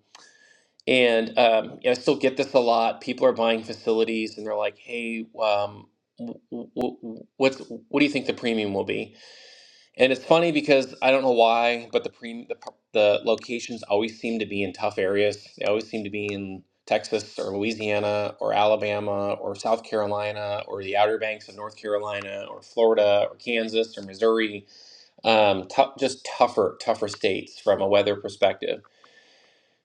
E: and um, yeah, I still get this a lot. People are buying facilities, and they're like, "Hey, um, w- w- w- what's what do you think the premium will be?" And it's funny because I don't know why, but the pre the, the locations always seem to be in tough areas. They always seem to be in Texas or Louisiana or Alabama or South Carolina or the Outer Banks of North Carolina or Florida or Kansas or Missouri. Um, tou- just tougher, tougher states from a weather perspective.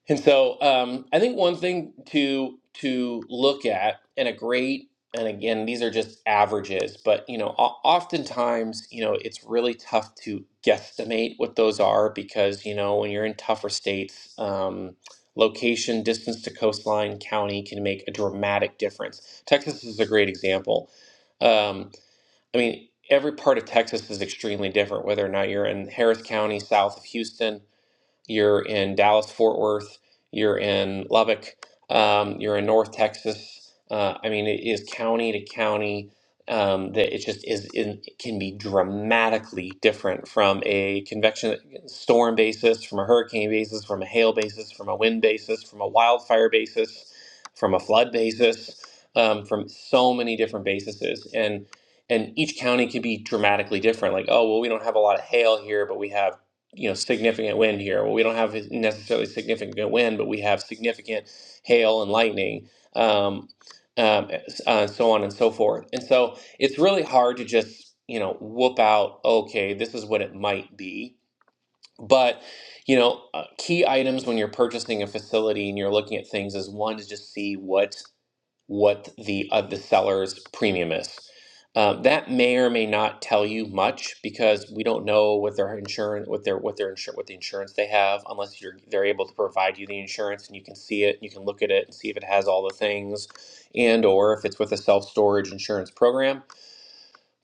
E: And so um, I think one thing to to look at, and a great, and again, these are just averages, but you know, o- oftentimes, you know, it's really tough to guesstimate what those are because you know when you're in tougher states, um, location, distance to coastline, county can make a dramatic difference. Texas is a great example. Um, I mean, every part of Texas is extremely different, whether or not you're in Harris County, south of Houston you're in Dallas, Fort Worth, you're in Lubbock, um, you're in North Texas. Uh, I mean, it is county to county. Um, that it just is in, it can be dramatically different from a convection storm basis, from a hurricane basis, from a hail basis, from a wind basis, from a wildfire basis, from a flood basis, um, from so many different bases, and and each county can be dramatically different. Like, oh well, we don't have a lot of hail here, but we have you know significant wind here. Well, we don't have necessarily significant wind, but we have significant hail and lightning, um, um, uh, so on and so forth. And so it's really hard to just you know whoop out. Okay, this is what it might be. But you know, uh, key items when you're purchasing a facility and you're looking at things is one to just see what what the uh, the seller's premium is. Um, that may or may not tell you much because we don't know what their insurance, what their what their insur- what the insurance they have, unless you're they're able to provide you the insurance and you can see it, you can look at it and see if it has all the things, and or if it's with a self storage insurance program.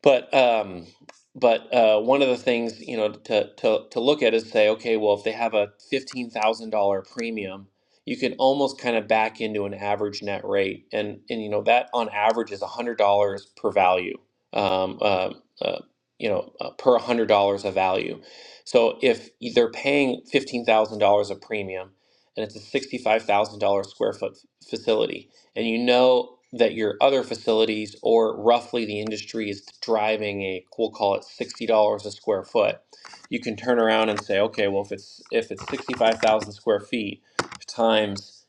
E: But um, but uh, one of the things you know to, to to look at is say, okay, well, if they have a fifteen thousand dollar premium, you can almost kind of back into an average net rate, and and you know that on average is hundred dollars per value, um, uh, uh, you know, uh, per hundred dollars of value. So if they're paying fifteen thousand dollars a premium, and it's a sixty five thousand dollar square foot facility and you know that your other facilities or roughly the industry is driving a we'll call it $60 a square foot you can turn around and say okay well if it's if it's 65000 square feet times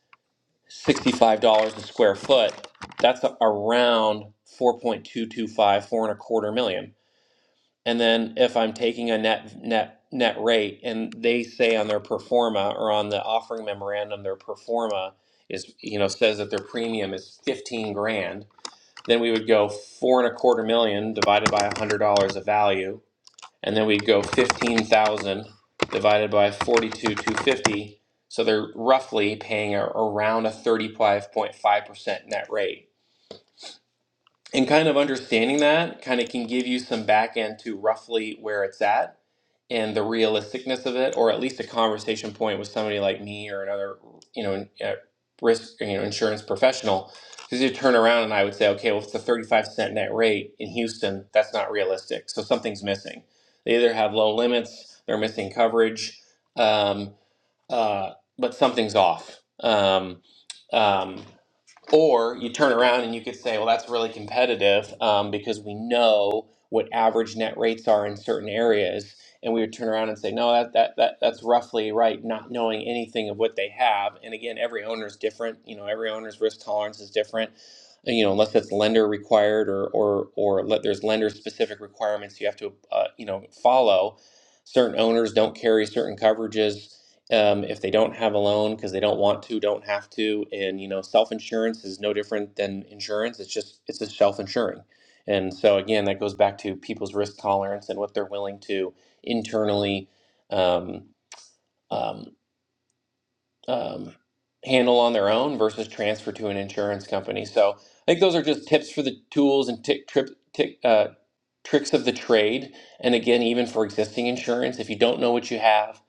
E: $65 a square foot that's a, around four point two two five four and a quarter million and then if I'm taking a net net net rate and they say on their performa or on the offering memorandum their performa is you know says that their premium is 15 grand then we would go four and a quarter million divided by $100 of value and then we'd go 15,000 divided by 42 250 so they're roughly paying a, around a 35.5% net rate and kind of understanding that kind of can give you some back end to roughly where it's at and the realisticness of it, or at least a conversation point with somebody like me or another, you know, uh, risk, you know, insurance professional, because you turn around and I would say, okay, well, if it's a 35 cent net rate in Houston, that's not realistic. So something's missing. They either have low limits, they're missing coverage, um, uh, but something's off. Um, um, or you turn around and you could say, well, that's really competitive um, because we know what average net rates are in certain areas. And we would turn around and say, no, that, that, that, that's roughly right, not knowing anything of what they have. And again, every owner is different. You know, every owner's risk tolerance is different. Uh, You know, unless it's lender required or, or, or let, there's lender specific requirements you have to, uh, you know, follow. Certain owners don't carry certain coverages um, if they don't have a loan because they don't want to don't have to and you know self-insurance is no different than insurance it's just it's just self-insuring and so again that goes back to people's risk tolerance and what they're willing to internally um, um, um, handle on their own versus transfer to an insurance company so i think those are just tips for the tools and tick trip tick, uh, tricks of the trade. And again, even for existing insurance, if you don't know what you have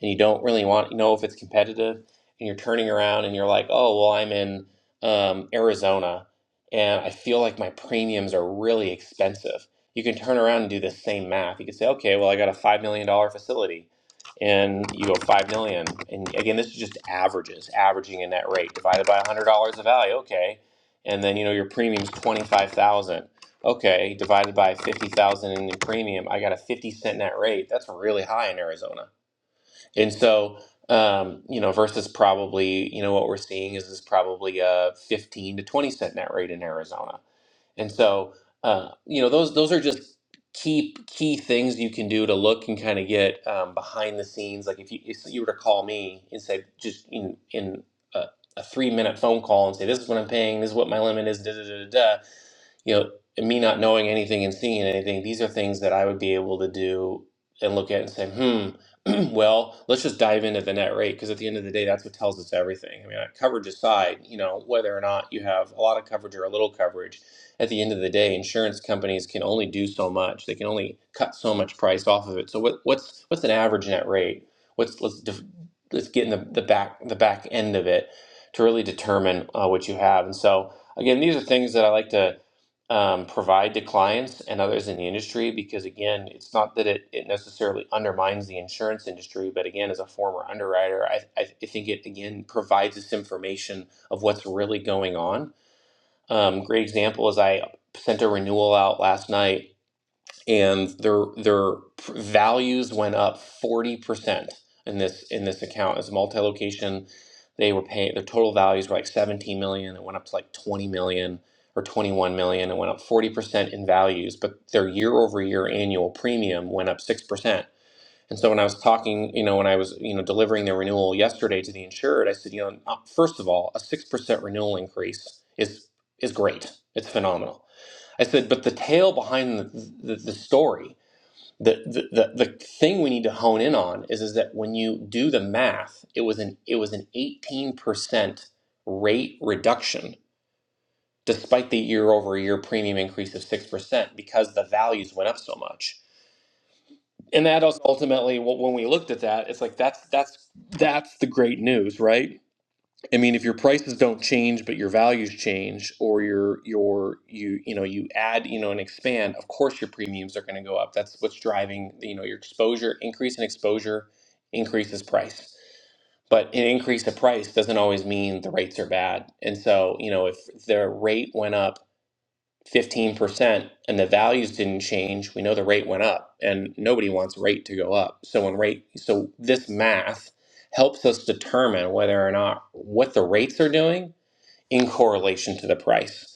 E: and you don't really want to know if it's competitive, and you're turning around and you're like, oh, well, I'm in um, Arizona and I feel like my premiums are really expensive. You can turn around and do the same math. You can say, okay, well, I got a $5 million dollar facility and you go 5 million. And again, this is just averages, averaging in that rate divided by $100 of value. Okay. And then, you know, your premium's 25,000 Okay, divided by 50,000 in the premium, I got a 50 cent net rate. That's really high in Arizona. And so, um, you know, versus probably, you know, what we're seeing is is probably a 15 to 20 cent net rate in Arizona. And so, uh, you know, those those are just key key things you can do to look and kind of get um, behind the scenes. Like if you if you were to call me and say just in in a, a three minute phone call and say this is what I'm paying, this is what my limit is, da da da da. da," you know, and me not knowing anything and seeing anything, these are things that I would be able to do and look at and say, hmm, well, let's just dive into the net rate because at the end of the day, that's what tells us everything. I mean, uh, coverage aside, you know, whether or not you have a lot of coverage or a little coverage, at the end of the day, insurance companies can only do so much. They can only cut so much price off of it. So what, what's what's an average net rate? What's let's def- let's get in the, the back the back end of it to really determine uh, what you have. And so again, these are things that I like to um, provide to clients and others in the industry because again it's not that it, it necessarily undermines the insurance industry but again as a former underwriter i, I I think it again provides us information of what's really going on um, great example is i sent a renewal out last night and their their values went up 40% in this in this account as multi-location they were paying their total values were like 17 million it went up to like 20 million or 21 million it went up 40% in values but their year over year annual premium went up 6% and so when i was talking you know when i was you know delivering the renewal yesterday to the insured i said you know uh, first of all a 6% renewal increase is is great it's phenomenal i said but the tale behind the, the, the story the, the the the thing we need to hone in on is is that when you do the math, it was an it was an eighteen percent rate reduction despite the year over year premium increase of six percent because the values went up so much. And that also ultimately, wh- when we looked at that, it's like that's that's that's the great news, right? I mean, if your prices don't change, but your values change, or your your you you know you add you know and expand, of course your premiums are going to go up. That's what's driving you know your exposure increase in exposure increases price. But an increase of price doesn't always mean the rates are bad. And so you know if the rate went up 15% and the values didn't change, we know the rate went up and nobody wants rate to go up. So when rate so this math helps us determine whether or not what the rates are doing in correlation to the price.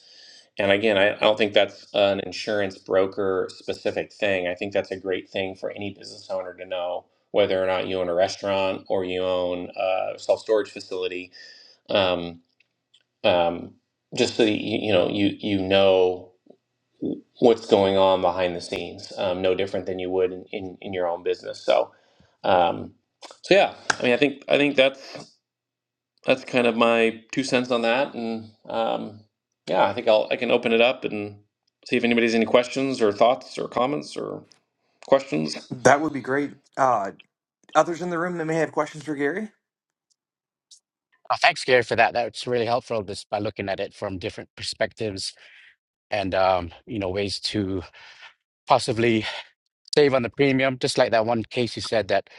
E: And again, I, I don't think that's an insurance broker specific thing. I think that's a great thing for any business owner to know whether or not you own a restaurant or you own a self storage facility. Um, um, just so that you, you know you you know what's going on behind the scenes, um, no different than you would in, in, in your own business. So, um, so yeah, I mean, I think I think that's that's kind of my two cents on that, and um, yeah, I think I'll I can open it up and see if anybody has any questions or thoughts or comments or questions.
A: That would be great. Uh, others in the room that may have questions for Gary?
B: Oh, thanks, Gary, for that. That's really helpful just by looking at it from different perspectives and um, you know, ways to possibly save on the premium. Just like that one case you said that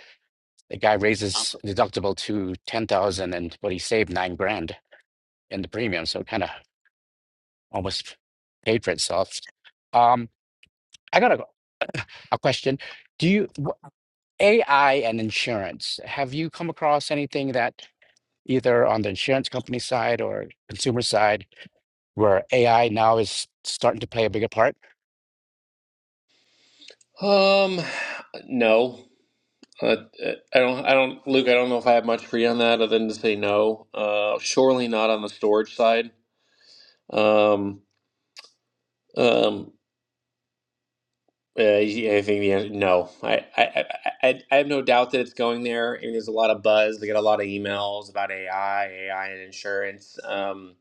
B: the guy raises deductible to ten thousand and but he saved nine grand in the premium, so it kind of almost paid for itself. Um, I got a, a question. Do you wh- AI and insurance, have you come across anything that either on the insurance company side or consumer side? where AI now is starting to play a bigger part?
E: Um, no. Uh, I don't, I don't, Luke. I don't know if I have much for you on that, other than to say no. Uh, surely not on the storage side. Um, um, Uh, yeah, I think the answer, no. I, I I I I have no doubt that it's going there. And there's a lot of buzz. I get a lot of emails about AI, AI and insurance. Um,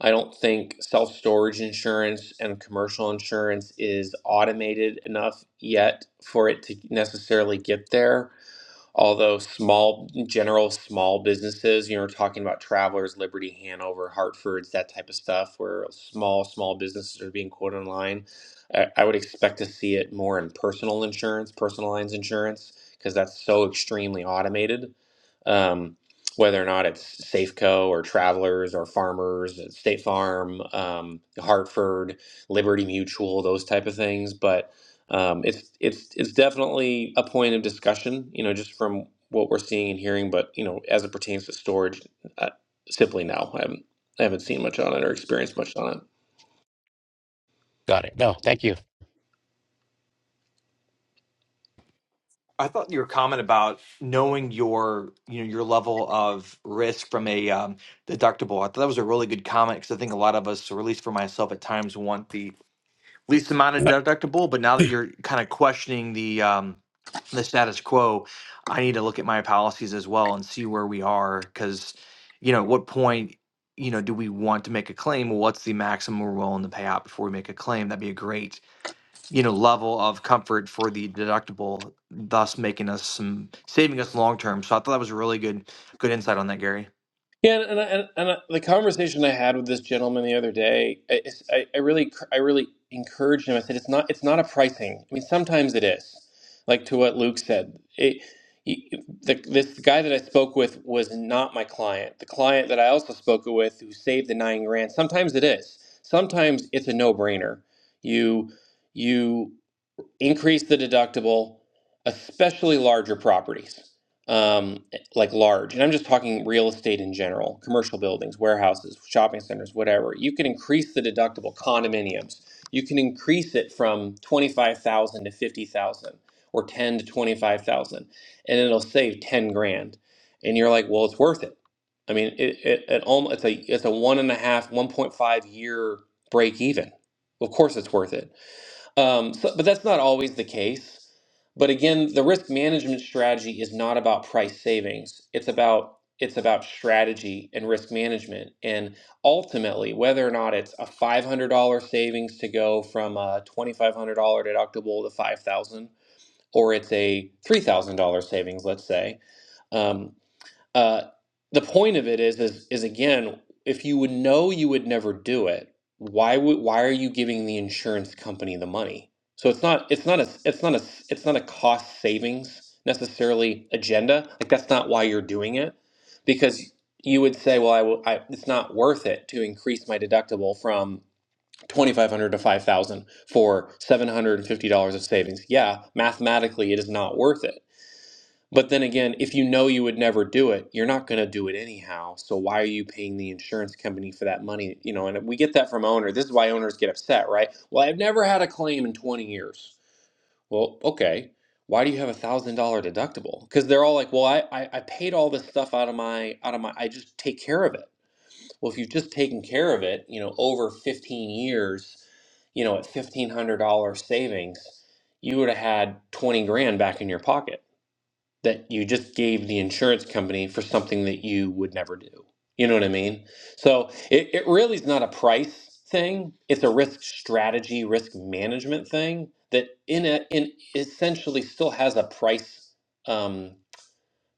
E: I don't think self-storage insurance and commercial insurance is automated enough yet for it to necessarily get there. Although small, general small businesses, you know, we're talking about Travelers, Liberty, Hanover, Hartford's, that type of stuff, where small, small businesses are being quoted online. I, I would expect to see it more in personal insurance, personal lines insurance, because that's so extremely automated um, whether or not it's Safeco or Travelers or Farmers, State Farm, um, Hartford, Liberty Mutual, those type of things. But um, it's it's it's definitely a point of discussion, you know, just from what we're seeing and hearing. But you know, as it pertains to storage, uh, simply no, I haven't I haven't seen much on it or experienced much on it.
B: Got it. No, thank you.
A: I thought your comment about knowing your you know your level of risk from a um, deductible. I thought that was a really good comment because I think a lot of us, or at least for myself, at times want the least amount of deductible. But now that you're kind of questioning the um, the status quo, I need to look at my policies as well and see where we are. Because you know, at what point you know do we want to make a claim? Well, what's the maximum we're willing to pay out before we make a claim? That'd be a great you know level of comfort for the deductible, thus making us some saving us long term. So I thought that was a really good good insight on that, Gary.
E: Yeah, and, and, and, and I- the conversation I had with this gentleman the other day, I, it's- I, I really, cr- I really encouraged him. I said, "It's not, it's not a pricing. I mean, sometimes it is, like to what Luke said. It, you- the, this guy that I spoke with was not my client. The client that I also spoke with, who saved the nine grand, sometimes it is. Sometimes it's a no-brainer. You, you." increase the deductible, especially larger properties, um, like large. And I'm just talking real estate in general, commercial buildings, warehouses, shopping centers, whatever. You can increase the deductible, condominiums. You can increase it from 25,000 to 50,000 or 10 to 25,000 and it'll save 10 grand. And you're like, well, it's worth it. I mean, it, it, it almost, it's a, it's a one and a half one point five year break even. Of course it's worth it um, so, but that's not always the case. But again, the risk management strategy is not about price savings. It's about it's about strategy and risk management, and ultimately whether or not it's a five hundred dollar savings to go from a twenty five hundred dollar deductible to five thousand, or it's a three thousand dollar savings, let's say. um, uh, the point of it is, is, is again, if you would know you would never do it, why would, why are you giving the insurance company the money? So it's not, it's not a, it's not a, it's not a cost savings necessarily agenda. Like that's not why you're doing it, because you would say, well, I will, I, it's not worth it to increase my deductible from. 2500 to 5000 for $750 of savings. Yeah, mathematically it is not worth it but then again, if you know you would never do it, you're not going to do it anyhow. So why are you paying the insurance company for that money? You know, and we get that from owner. This is why owners get upset, right? Well, I've never had a claim in 20 years. Well, okay. Why do you have a thousand dollar deductible? Because they're all like, well, I, I I paid all this stuff out of my out of my. I just take care of it. Well, if you've just taken care of it, you know, over 15 years, you know, at fifteen hundred dollar savings, you would have had 20 grand back in your pocket that you just gave the insurance company for something that you would never do. You know what I mean? So it, it really is not a price thing. It's a risk strategy, risk management thing that in a in essentially still has a price. Um,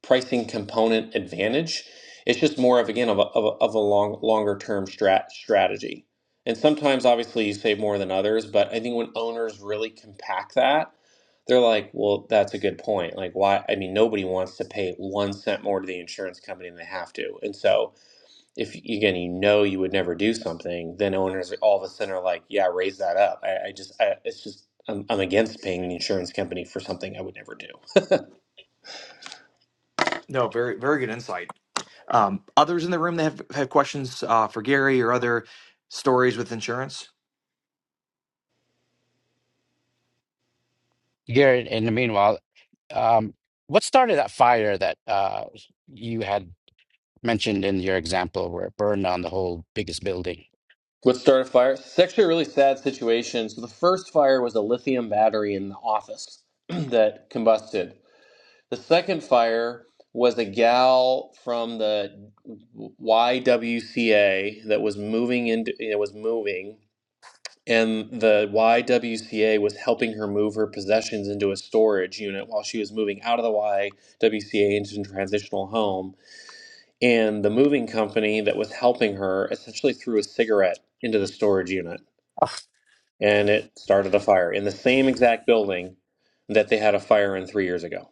E: pricing component advantage. It's just more of again of a, of a, of a long longer term strat strategy. And sometimes obviously you save more than others, but I think when owners really compact that, they're like, well, that's a good point. Like why I mean nobody wants to pay one cent more to the insurance company than they have to. And so if again you know you would never do something, then owners all of a sudden are like, yeah, raise that up. I, I just I, it's just I'm, I'm against paying the insurance company for something I would never do.
A: No, very very good insight. Um, others in the room that have, have questions uh, for Gary or other stories with insurance?
B: Garrett, in the meanwhile, um, what started that fire that uh, you had mentioned in your example where it burned down the whole biggest building?
E: Let's start a fire. It's actually a really sad situation. So the first fire was a lithium battery in the office that combusted. The second fire was a gal from the YWCA that was moving into it was moving and the YWCA was helping her move her possessions into a storage unit while she was moving out of the YWCA into a transitional home and the moving company that was helping her essentially threw a cigarette into the storage unit and it started a fire in the same exact building that they had a fire in three years ago.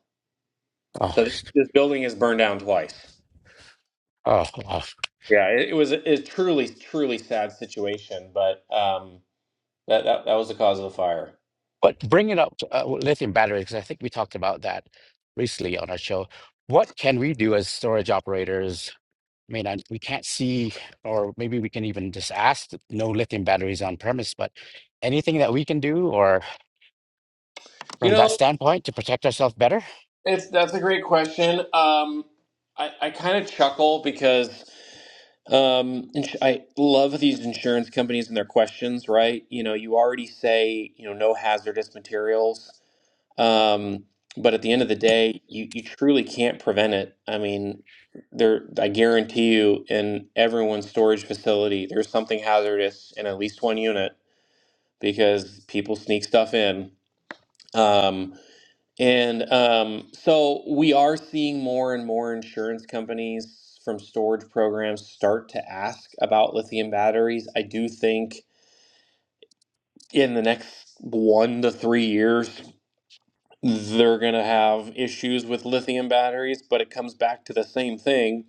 B: Oh,
E: So this, this building is burned down twice.
B: oh, oh.
E: Yeah, it, it was a, a truly, truly sad situation, but um, that, that that was the cause of the fire.
B: But bringing up uh, lithium batteries, because I think we talked about that recently on our show. What can we do as storage operators? I mean, I, we can't see, or maybe we can even just ask that no lithium batteries on premise, but anything that we can do, or
E: You
B: from that
E: know,
B: standpoint to protect ourselves better.
E: it's that's a great question. Um, I I kind of chuckle because um, ins- I love these insurance companies and their questions, right? You know, you already say, you know, no hazardous materials. Um, but at the end of the day, you, you truly can't prevent it. I mean, there, I guarantee you, in everyone's storage facility, there's something hazardous in at least one unit because people sneak stuff in. Um, and um, so we are seeing more and more insurance companies from storage programs start to ask about lithium batteries. I do think in the next one to three years, they're going to have issues with lithium batteries, but it comes back to the same thing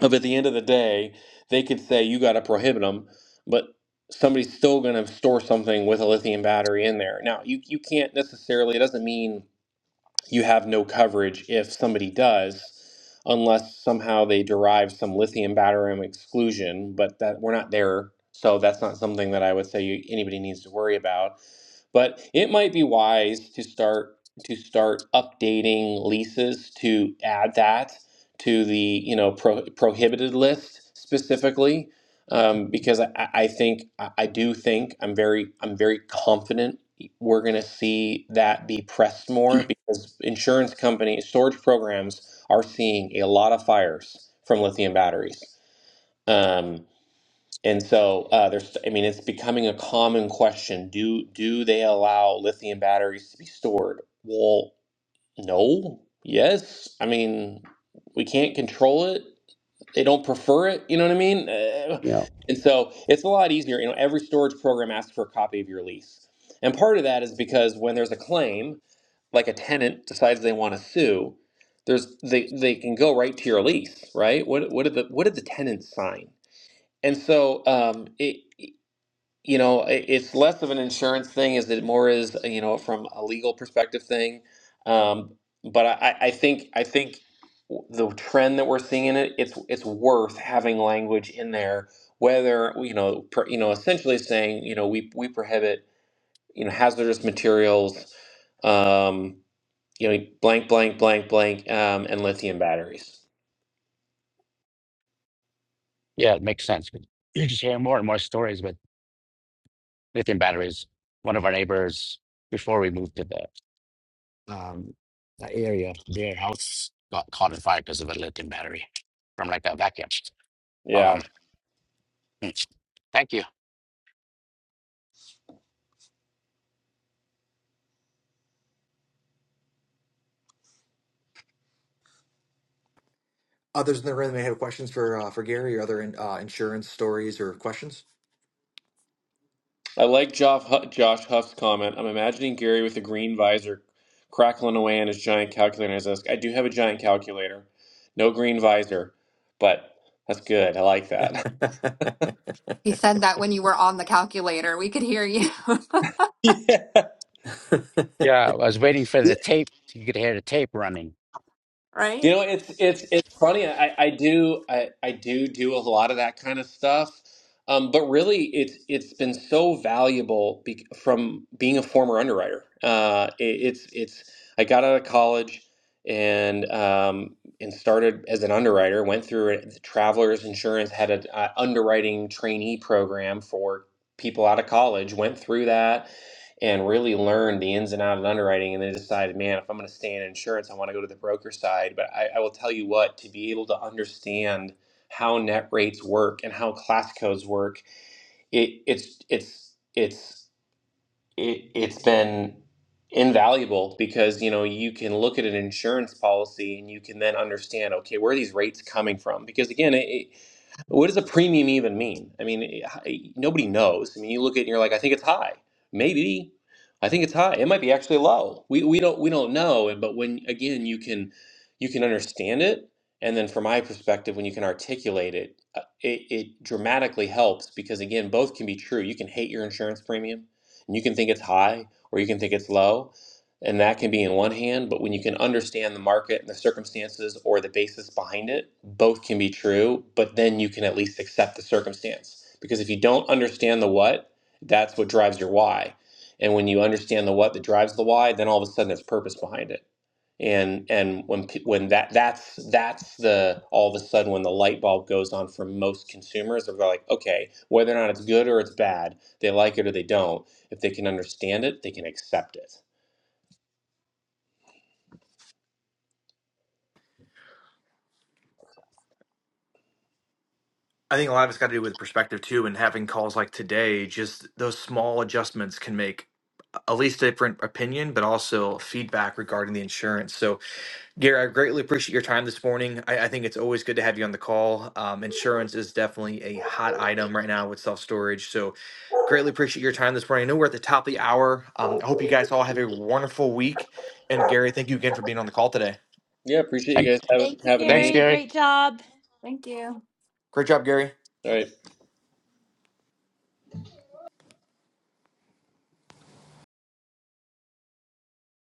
E: of at the end of the day, they could say you got to prohibit them, but somebody's still going to store something with a lithium battery in there. Now, you you can't necessarily it doesn't mean you have no coverage if somebody does, unless somehow they derive some lithium batterium exclusion. But that we're not there, so that's not something that I would say you, anybody needs to worry about. But it might be wise to start to start updating leases to add that to the you know pro, prohibited list specifically. Um, because I, I I think I I do think I'm very I'm very confident we're going to see that be pressed more because insurance companies, storage programs are seeing a lot of fires from lithium batteries. Um, and so uh, there's, I mean, it's becoming a common question. Do do they allow lithium batteries to be stored? Well, no. Yes. I mean, we can't control it they don't prefer it. You know what I mean? Uh,
B: You know,
E: And so it's a lot easier. You know, every storage program asks for a copy of your lease, and part of that is because when there's a claim, like a tenant decides they want to sue, there's they they can go right to your lease, right? What what did the what did the tenant sign? And so um, it you know, i- it's less of an insurance thing, is it more is, uh, you know, from a legal perspective thing. Um, but I, I I think I think w- the trend that we're seeing in it, it's it's worth having language in there, whether you know, per, you know, essentially saying, you know, we we prohibit, you know, hazardous materials, um, you know, blank, blank, blank, blank, um, and lithium batteries.
B: yeah, it makes sense. You're just hearing more and more stories with lithium batteries. One of our neighbors, before we moved to the um, the area, their house got caught in fire because of a lithium battery from like a vacuum.
E: Yeah.
B: Um, mm, thank you.
A: Others in the room may have questions for uh, for Gary or other in, uh, insurance stories or questions.
E: I like Josh, Josh Huff's comment. I'm imagining Gary with a green visor crackling away on his giant calculator on his desk. I do have a giant calculator, no green visor, but that's good. I like that.
C: He said that when you were on the calculator, we could hear you.
E: yeah.
B: Yeah, I was waiting for the tape. You could hear the tape running.
E: You know, it's it's it's funny. I I do I I do do a lot of that kind of stuff, um, but really, it's it's been so valuable be, from being a former underwriter. Uh, it, it's it's I got out of college and um, and started as an underwriter. Went through it. Travelers Insurance had an underwriting trainee program for people out of college. Went through that and really learned the ins and outs of underwriting and then decided, man, if I'm going to stay in insurance, I want to go to the broker side. But I, I will tell you what, to be able to understand how net rates work and how class codes work, it, it's it's it's it, it's been invaluable because you know you can look at an insurance policy and you can then understand okay where are these rates coming from because again it, what does a premium even mean? I mean, eh, nobody knows. I mean, you look at it and you're like, I think it's high. Maybe. I think it's high. It might be actually low. We we don't we don't know. And But when again, you can you can understand it, and then from my perspective, when you can articulate it, uh, it, it dramatically helps because again, both can be true. You can hate your insurance premium, and you can think it's high, or you can think it's low, and that can be in one hand but when you can understand the market and the circumstances or the basis behind it both can be true but then you can at least accept the circumstance because if you don't understand the what that's what drives your why and when you understand the what that drives the why then all of a sudden there's purpose behind it and and when when that that's that's the all of a sudden when the light bulb goes on for most consumers they're like okay whether or not it's good or it's bad they like it or they don't if they can understand it they can accept it
A: I think a lot of it's got to do with perspective too, and having calls like today, just those small adjustments can make at least a different opinion, but also feedback regarding the insurance. So Gary, I greatly appreciate your time this morning. I, I think it's always good to have you on the call. Um, insurance is definitely a hot item right now with self storage. So, greatly appreciate your time this morning. I know we're at the top of the hour. Um, I hope you guys all have a wonderful week. And, Gary, thank you again for being on the call today.
E: Yeah, appreciate you
B: Thank,
E: guys having
H: Thank you,
E: having
B: thanks,
E: me.
H: Gary.
B: Gary.
H: Great job.
A: Great job, Gary.
E: All right.